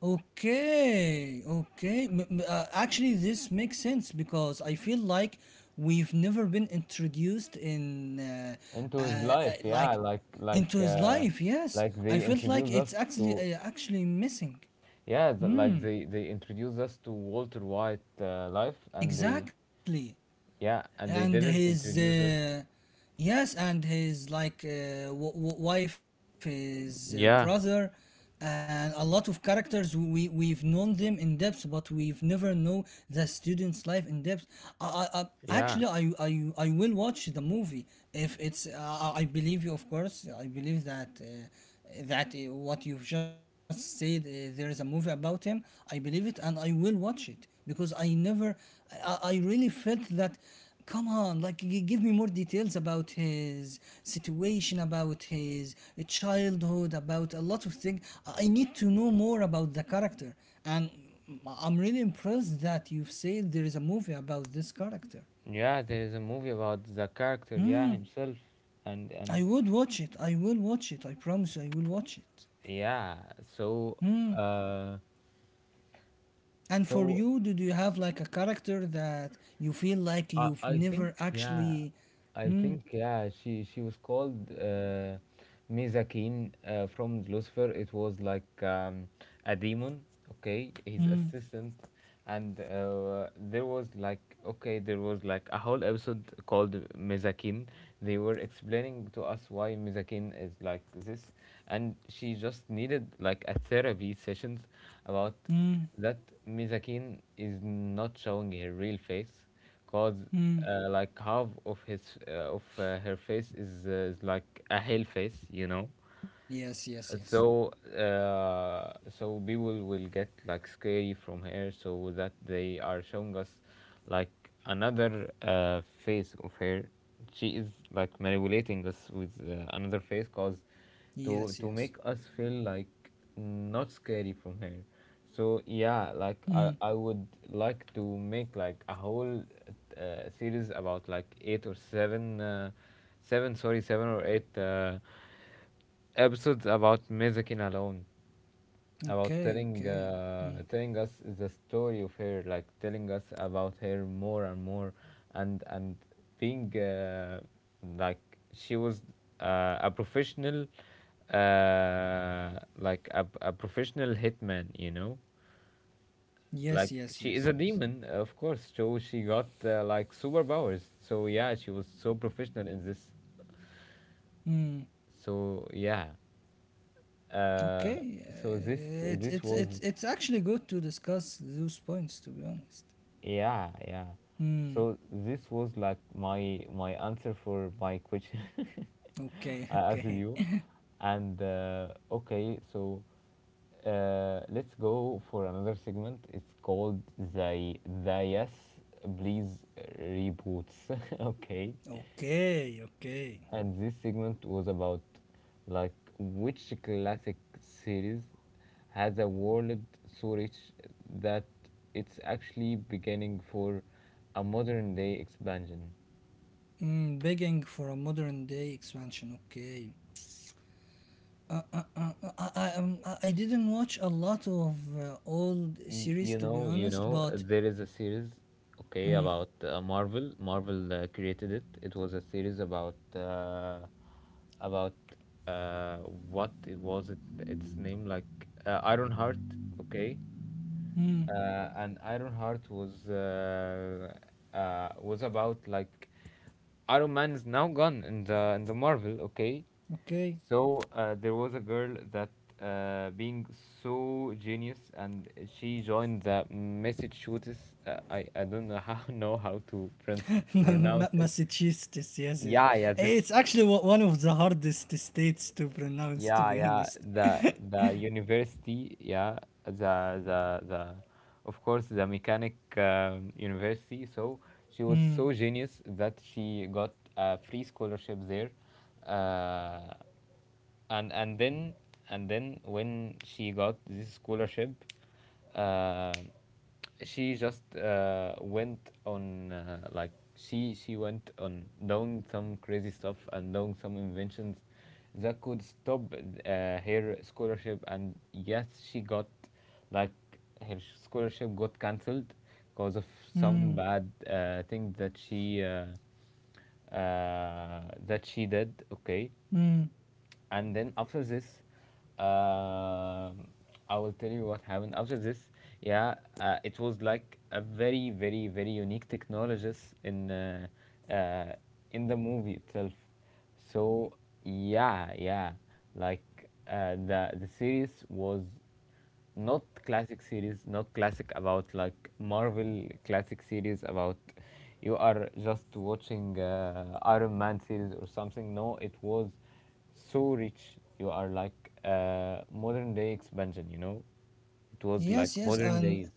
Speaker 2: Okay, okay. Actually, this makes sense because I feel like we've never been introduced in,
Speaker 1: into his life. Yeah,
Speaker 2: like,
Speaker 1: like
Speaker 2: into
Speaker 1: like
Speaker 2: his life. Yes,
Speaker 1: like,
Speaker 2: I
Speaker 1: they
Speaker 2: felt like
Speaker 1: introduce
Speaker 2: it's
Speaker 1: us
Speaker 2: actually
Speaker 1: to,
Speaker 2: actually missing.
Speaker 1: yeah, like, they introduce us to Walter White life, and they,
Speaker 2: Exactly.
Speaker 1: yeah,
Speaker 2: And
Speaker 1: and they
Speaker 2: his
Speaker 1: didn't introduce us.
Speaker 2: yes, and his like wife, his brother
Speaker 1: Yeah,
Speaker 2: and a lot of characters we we've known them in depth, but we've never know the student's life in depth. I, I, I actually,
Speaker 1: yeah,
Speaker 2: I I will watch the movie if it's I believe you, of course I believe that what you've just said, there is a movie about him. I believe it, and I will watch it, because I never, I really felt that come on, like give me more details about his situation, about his childhood, about a lot of things. I need to know more about the character, and I'm really impressed that you've said there is a movie about this character.
Speaker 1: yeah. There is a movie about the character, yeah, himself, and,
Speaker 2: I would watch it, I will watch it, I promise you, I will watch it.
Speaker 1: yeah. So. Uh,
Speaker 2: And for
Speaker 1: So,
Speaker 2: you, do you have like a character that you feel like
Speaker 1: I
Speaker 2: you've
Speaker 1: I think,
Speaker 2: never
Speaker 1: yeah,
Speaker 2: actually...
Speaker 1: I
Speaker 2: Mm,
Speaker 1: think, yeah. She was called Mezakin, from Lucifer. It was like, a demon. Okay, his
Speaker 2: mm,
Speaker 1: assistant, and there was, like, okay, there was like a whole episode called Mezakin. They were explaining to us why Mezakin is like this, and she just needed like a therapy sessions about
Speaker 2: mm,
Speaker 1: that Mizakin is not showing her real face, cause
Speaker 2: mm.
Speaker 1: like, half of his, of her face is like a hell face, you know.
Speaker 2: Yes, yes, yes,
Speaker 1: So, so people will get like scary from her, so that they are showing us, like, another face of her. She is like manipulating us with, another face, cause to
Speaker 2: yes,
Speaker 1: to
Speaker 2: yes.
Speaker 1: make us feel like not scary from her. So
Speaker 2: Hmm.
Speaker 1: yeah, like I would like to make like a whole series about like eight or seven seven sorry seven or eight episodes about Mezakin alone, about
Speaker 2: Okay,
Speaker 1: telling,
Speaker 2: okay. Mm.
Speaker 1: telling us the story of her, like telling us about her more and more, and being, like, she was, a professional, like a professional hitman, you know.
Speaker 2: Yes, yes, yes,
Speaker 1: Like,
Speaker 2: yes.
Speaker 1: she is a demon, of course. So she got, like, superpowers. So yeah, she was so professional in this.
Speaker 2: Mm.
Speaker 1: So yeah. uh,
Speaker 2: Okay,
Speaker 1: so this
Speaker 2: uh, it's it's
Speaker 1: this was,
Speaker 2: it's it's actually good to discuss those points. To be honest.
Speaker 1: yeah, yeah,
Speaker 2: Mm.
Speaker 1: so this was like my answer for my question
Speaker 2: Okay,
Speaker 1: I asked
Speaker 2: okay,
Speaker 1: you. And, okay, so, let's go for another segment. It's called the the, yes, please, reboots. Okay.
Speaker 2: okay, okay.
Speaker 1: And this segment was about, like, which classic series has a world so rich that it's actually beginning for a modern day expansion.
Speaker 2: Mm, begging for a modern day expansion. Okay. I didn't watch a lot of old series,
Speaker 1: You
Speaker 2: to be
Speaker 1: know, you
Speaker 2: honest,
Speaker 1: know,
Speaker 2: but...
Speaker 1: there is a series, okay,
Speaker 2: Mm,
Speaker 1: about, Marvel. Marvel created it. It was a series about uh, what it was it, its name, like, Iron, okay.
Speaker 2: mm,
Speaker 1: And Iron Heart was, was about like Iron Man is now gone in the Marvel, okay?
Speaker 2: okay.
Speaker 1: So there was a girl that, being so genius, and she joined the Massachusetts. I don't know how know how to pronounce it.
Speaker 2: Massachusetts, yes, yes.
Speaker 1: Yeah, yeah,
Speaker 2: It's
Speaker 1: this,
Speaker 2: actually one of the hardest states to pronounce, to
Speaker 1: yeah,
Speaker 2: be
Speaker 1: yeah,
Speaker 2: honest.
Speaker 1: the the university, yeah, the the, of course, the mechanic, university. So she was
Speaker 2: Mm,
Speaker 1: so genius that she got a free scholarship there. uh, and then, when she got this scholarship, uh, she just, went on like she went on doing some crazy stuff and doing some inventions that could stop, her scholarship, and yes, she got like her scholarship got cancelled because of
Speaker 2: mm,
Speaker 1: some bad thing that she, that she did, okay.
Speaker 2: mm.
Speaker 1: And then after this, um I will tell you what happened after this. Yeah. It was like a very, very, very unique technologies in, uh, in the movie itself. So yeah, yeah, like, the series was not classic series, not classic, about like Marvel classic series about you are just watching, Iron Man series or something. No, it was so rich. You are like, modern day expansion. You know, it was like
Speaker 2: Yes, yes,
Speaker 1: modern
Speaker 2: and
Speaker 1: days.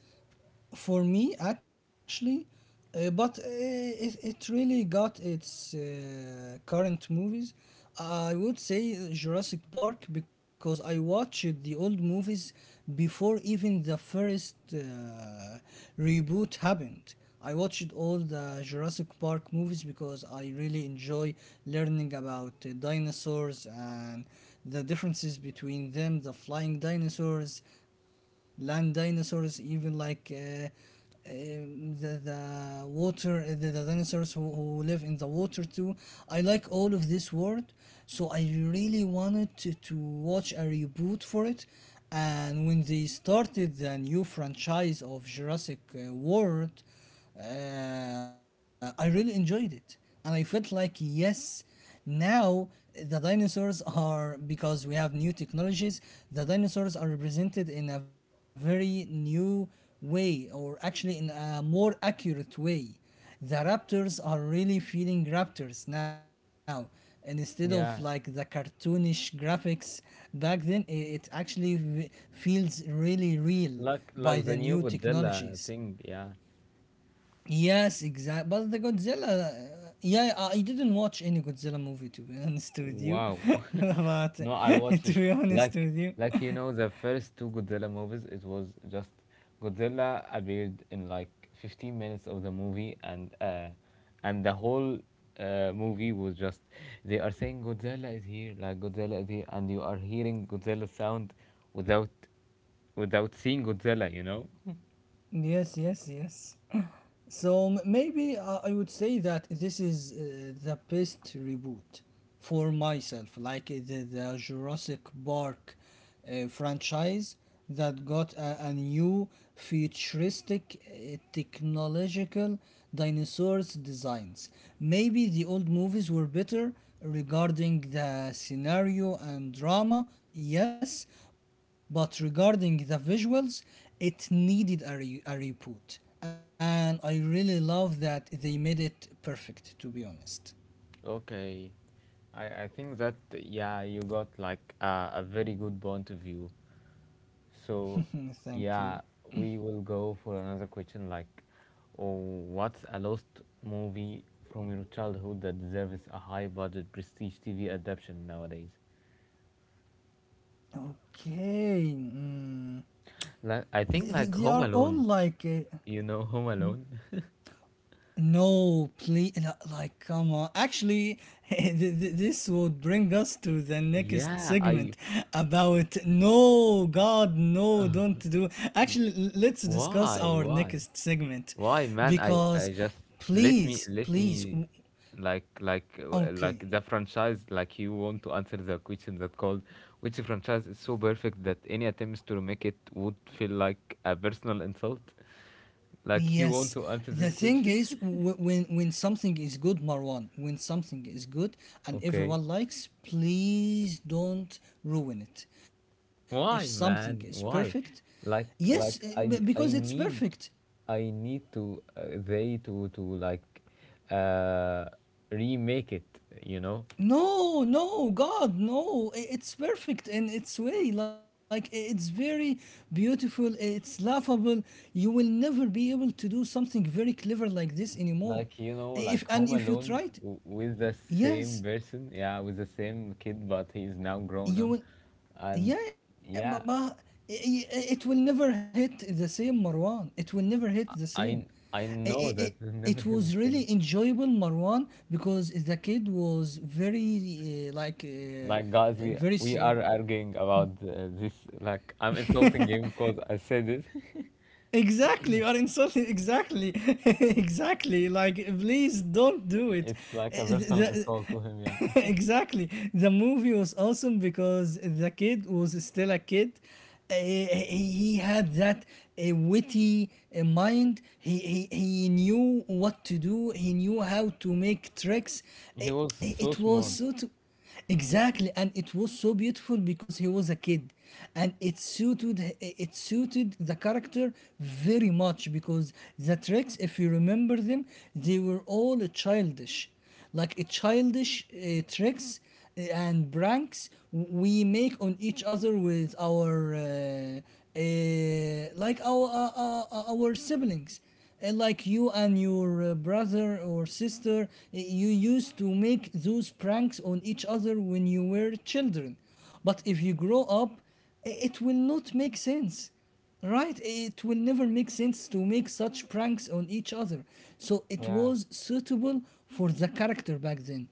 Speaker 2: for me actually, but it, it really got its current movies. I would say Jurassic Park, because I watched the old movies before even the first reboot happened. I watched all the Jurassic Park movies because I really enjoy learning about dinosaurs and the differences between them, the flying dinosaurs, land dinosaurs, even like the water the dinosaurs who live in the water too. I like all of this world, so I really wanted to watch a reboot for it. And when they started the new franchise of Jurassic World, I really enjoyed it. And I felt like, yes, now the dinosaurs are, because we have new technologies, the dinosaurs are represented in a very new way, or actually in a more accurate way. The raptors are really feeling raptors now. And instead of like the
Speaker 1: Yeah,
Speaker 2: cartoonish graphics back then, it actually feels really real by
Speaker 1: like
Speaker 2: the
Speaker 1: the new
Speaker 2: new
Speaker 1: Godzilla
Speaker 2: technologies.
Speaker 1: thing. Yeah.
Speaker 2: Yes, exact. But the Godzilla, yeah, I didn't watch any Godzilla movie, to be honest with you.
Speaker 1: Wow.
Speaker 2: But
Speaker 1: No, I watched,
Speaker 2: to be honest
Speaker 1: like
Speaker 2: with you,
Speaker 1: like, you know, the first two Godzilla movies. It was just Godzilla appeared in like 15 minutes of the movie, and, and the whole movie was just, they are saying Godzilla is here, like Godzilla is here, and you are hearing Godzilla sound without, without seeing Godzilla, you know.
Speaker 2: yes, yes, yes. So maybe I would say that this is the best reboot for myself, like the Jurassic Park franchise that got a new futuristic technological dinosaurs designs. Maybe the old movies were better regarding the scenario and drama, yes, but regarding the visuals, it needed a, a reboot, and I really love that they made it perfect, to be honest.
Speaker 1: Okay, I think that, yeah, you got like, a very good point of view. So,
Speaker 2: Thank
Speaker 1: yeah,
Speaker 2: you.
Speaker 1: we will go for another question, like, oh, what's a lost movie from your childhood that deserves a high budget prestige TV adaptation nowadays?
Speaker 2: Okay. Mm.
Speaker 1: Like, I think like
Speaker 2: They
Speaker 1: Home
Speaker 2: are all
Speaker 1: Alone.
Speaker 2: like.
Speaker 1: You know Home
Speaker 2: Hmm?
Speaker 1: Alone?
Speaker 2: No, please. Like, come on. Actually, this would bring us to the next
Speaker 1: Yeah, I.
Speaker 2: segment about no, God, no, don't do. Actually, let's discuss
Speaker 1: Why?
Speaker 2: our
Speaker 1: Why?
Speaker 2: next segment
Speaker 1: Why, man? I
Speaker 2: because
Speaker 1: just, let me,
Speaker 2: please,
Speaker 1: let
Speaker 2: please.
Speaker 1: me, like,
Speaker 2: Okay.
Speaker 1: like, the franchise, like, you want to answer the question that called, which franchise is so perfect that any attempts to remake it would feel like a personal insult? Like, you want
Speaker 2: Yes,
Speaker 1: to answer
Speaker 2: the
Speaker 1: this
Speaker 2: thing
Speaker 1: question?
Speaker 2: is, when something is good, Marwan, when something is good and
Speaker 1: Okay.
Speaker 2: everyone likes, please don't ruin it. If something
Speaker 1: Why,
Speaker 2: is
Speaker 1: man?
Speaker 2: perfect,
Speaker 1: Why?
Speaker 2: yes,
Speaker 1: Like
Speaker 2: eh,
Speaker 1: like
Speaker 2: because it's
Speaker 1: I
Speaker 2: perfect.
Speaker 1: need, I need to, they to, like, uh remake it, you know?
Speaker 2: No, no, God, no, it's perfect in its way. Like it's very beautiful, it's laughable. You will never be able to do something very clever like this
Speaker 1: Like,
Speaker 2: anymore.
Speaker 1: you know, like Home
Speaker 2: If and
Speaker 1: Alone,
Speaker 2: if you tried,
Speaker 1: with the same
Speaker 2: yes,
Speaker 1: person, yeah, with the same kid, but he's now grown up.
Speaker 2: you will...
Speaker 1: And,
Speaker 2: Yeah, yeah,
Speaker 1: yeah,
Speaker 2: but it will never hit the same, Marwan. It will never hit the same.
Speaker 1: I I
Speaker 2: It it
Speaker 1: know
Speaker 2: it
Speaker 1: that it never
Speaker 2: it
Speaker 1: is the
Speaker 2: was
Speaker 1: same.
Speaker 2: really enjoyable, Marwan, because the kid was very,
Speaker 1: Like, guys,
Speaker 2: very
Speaker 1: we
Speaker 2: s-
Speaker 1: are arguing about this. Like, I'm insulting him because I said it.
Speaker 2: exactly, you are insulting. Exactly, exactly. Like, please don't do it.
Speaker 1: It's like
Speaker 2: Eh,
Speaker 1: a
Speaker 2: eh,
Speaker 1: personal
Speaker 2: the-
Speaker 1: insult to him, yeah.
Speaker 2: exactly. The movie was awesome because the kid was still a kid. He had that witty mind. He knew what to do. He knew how to make tricks.
Speaker 1: He
Speaker 2: It
Speaker 1: was so
Speaker 2: Was
Speaker 1: smart.
Speaker 2: so. Exactly, and it was so beautiful because he was a kid, and it suited the character very much because the tricks, if you remember them, they were all childish, like a childish tricks and pranks we make on each other with our our siblings. Like you and your brother or sister, you used to make those pranks on each other when you were children. But if you grow up, it will not make sense. Right, it will never make sense to make such pranks on each other. So it
Speaker 1: Yeah,
Speaker 2: was suitable for the character back then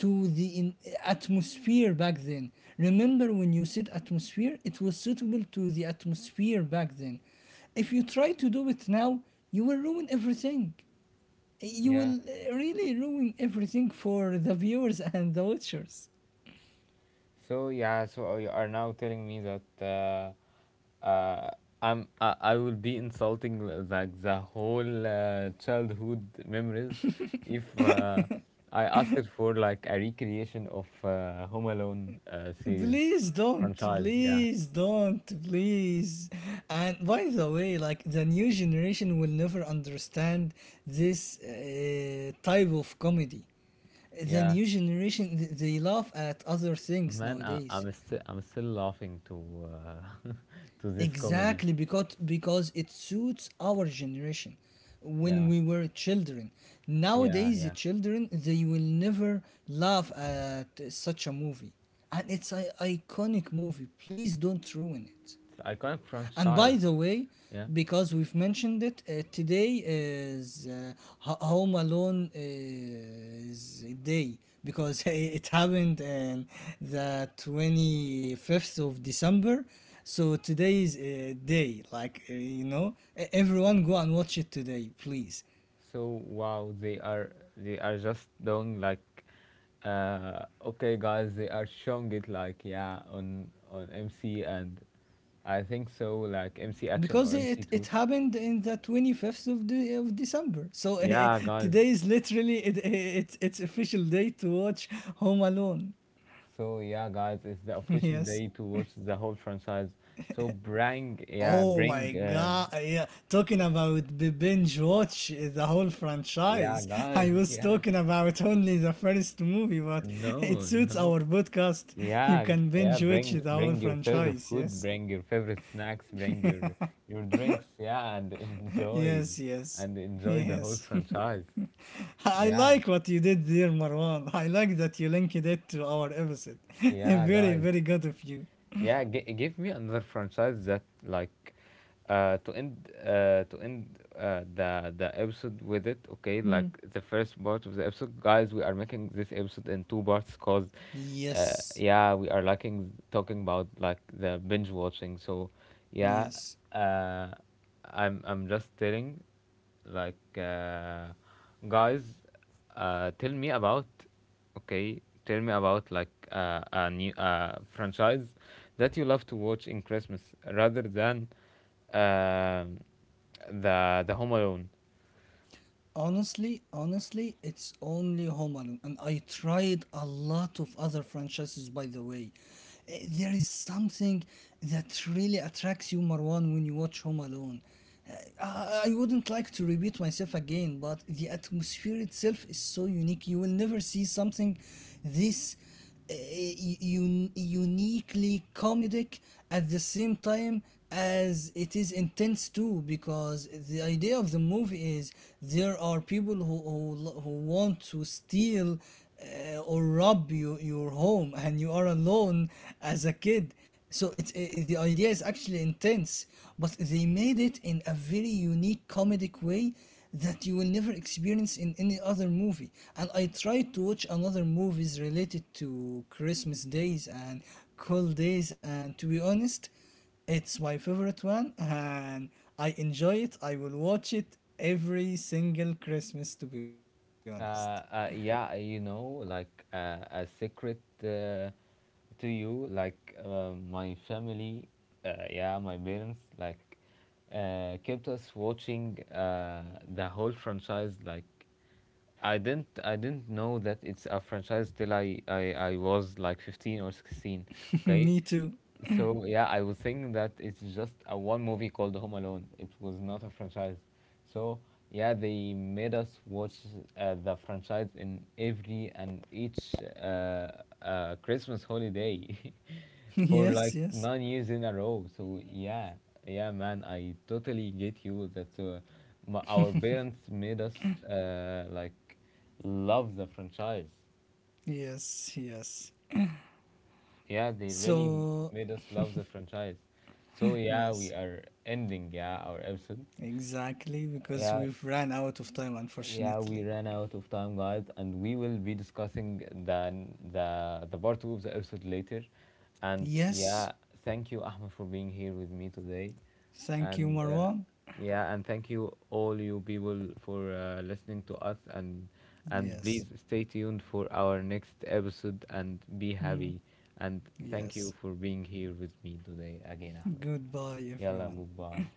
Speaker 2: to the atmosphere back then. Remember when you said atmosphere, it was suitable to the atmosphere back then. If you try to do it now, you will ruin everything. You
Speaker 1: yeah.
Speaker 2: will really ruin everything for the viewers and the watchers.
Speaker 1: So yeah, so you are now telling me that, uh, uh, I will be insulting, like, the whole childhood memories if I ask it for like a recreation of, Home Alone, series,
Speaker 2: Please don't,
Speaker 1: franchise. Yeah,
Speaker 2: please don't, please. And by the way, like the new generation will never understand this type of comedy. The
Speaker 1: yeah,
Speaker 2: new generation they laugh at other things
Speaker 1: man,
Speaker 2: nowadays.
Speaker 1: I'm still laughing to, to this comedy.
Speaker 2: Exactly, because it suits our generation when
Speaker 1: Yeah,
Speaker 2: we were children.
Speaker 1: yeah,
Speaker 2: Nowadays the
Speaker 1: yeah.
Speaker 2: children, they will never laugh at such a movie, and it's an iconic movie, please don't ruin it.
Speaker 1: It's iconic
Speaker 2: And
Speaker 1: franchise.
Speaker 2: by the way,
Speaker 1: Yeah.
Speaker 2: because we've mentioned it, today is Home Alone is day because it happened in the 25th of December. So today is a day, like, you know, everyone go and watch it today, please.
Speaker 1: So, wow, they are just doing like, okay, guys, they are showing it, like, yeah, on MC and I think so like MC Action
Speaker 2: Because
Speaker 1: or
Speaker 2: it,
Speaker 1: MC
Speaker 2: it
Speaker 1: Two.
Speaker 2: happened in the 25th of, the, of December. So
Speaker 1: Yeah, guys.
Speaker 2: today is literally it's official day to watch Home Alone.
Speaker 1: So yeah, guys, it's the official
Speaker 2: Yes.
Speaker 1: day to watch the whole franchise. So bring, yeah,
Speaker 2: Oh my
Speaker 1: bring,
Speaker 2: god, yeah, talking about the binge watch the whole
Speaker 1: yeah,
Speaker 2: franchise.
Speaker 1: guys,
Speaker 2: I was
Speaker 1: yeah,
Speaker 2: talking about only the first movie, but it
Speaker 1: no,
Speaker 2: suits
Speaker 1: no.
Speaker 2: our podcast. You
Speaker 1: Yeah,
Speaker 2: can
Speaker 1: yeah,
Speaker 2: binge watch
Speaker 1: bring
Speaker 2: the whole
Speaker 1: bring your favorite
Speaker 2: franchise,
Speaker 1: food,
Speaker 2: yes?
Speaker 1: bring your favorite snacks, bring your drinks, yeah, and enjoy
Speaker 2: Yes, yes.
Speaker 1: and enjoy the whole
Speaker 2: Yes.
Speaker 1: franchise.
Speaker 2: I
Speaker 1: Yeah,
Speaker 2: like what you did there, Marwan. I like that you linked it to our episode.
Speaker 1: yeah,
Speaker 2: Very,
Speaker 1: guys.
Speaker 2: very good of you.
Speaker 1: Yeah, give me another franchise that, like, to end, the episode with it. Okay,
Speaker 2: Hmm.
Speaker 1: like the first part of the episode, guys. We are making this episode in two parts, because,
Speaker 2: Yes.
Speaker 1: yeah, we are liking talking about like the binge watching. So yeah,
Speaker 2: Yes.
Speaker 1: uh, I'm just telling, like, guys, tell me about, okay, tell me about like, a new franchise that you love to watch in Christmas, rather than, um the Home Alone.
Speaker 2: Honestly, honestly, it's only Home Alone, and I tried a lot of other franchises. By the way, eh, there is something that really attracts you, Marwan, when you watch Home Alone. Eh, I wouldn't like to repeat myself again, but the atmosphere itself is so unique. You will never see something this uniquely comedic at the same time as it is intense too, because the idea of the movie is there are people who who want to steal or rob you your home, and you are alone as a kid. So it's the idea is actually intense, but they made it in a very unique comedic way that you will never experience in any other movie. And I tried to watch another movies related to Christmas days and cold days. And to be honest, it's my favorite one, and I enjoy it. I will watch it every single Christmas. To be honest,
Speaker 1: Uh, yeah, you know, like, a secret, to you, like, my family, yeah, my parents, like, kept us watching, the whole franchise. Like, I didn't know that it's a franchise till, I was like 15 or 16. Okay,
Speaker 2: me too.
Speaker 1: so yeah, I was thinking that it's just a one movie called Home Alone. It was not a franchise. So yeah, they made us watch, the franchise in every and each, Christmas holiday for
Speaker 2: yes,
Speaker 1: like
Speaker 2: yes,
Speaker 1: 9 years in a row. So yeah, yeah, man, I totally get you, that, our parents made us, like, love the franchise.
Speaker 2: yes, yes.
Speaker 1: Yeah, they really
Speaker 2: So
Speaker 1: made us love the franchise. So yeah,
Speaker 2: yes,
Speaker 1: we are ending, yeah, our episode.
Speaker 2: exactly because
Speaker 1: Yeah,
Speaker 2: we've ran out of time,
Speaker 1: yeah,
Speaker 2: unfortunately.
Speaker 1: we ran out of time, guys, and we will be discussing the the part 2 of the episode later. And
Speaker 2: Yes.
Speaker 1: yeah, thank you, Ahmed, for being here with me today.
Speaker 2: Thank you,
Speaker 1: And,
Speaker 2: Marwan.
Speaker 1: yeah, and thank you all you people for, listening to us. And
Speaker 2: Yes.
Speaker 1: please stay tuned for our next episode and be
Speaker 2: Hmm.
Speaker 1: happy. And thank you
Speaker 2: Yes.
Speaker 1: for being here with me today again, Ahmed.
Speaker 2: Goodbye,
Speaker 1: Yalla,
Speaker 2: everyone.
Speaker 1: goodbye.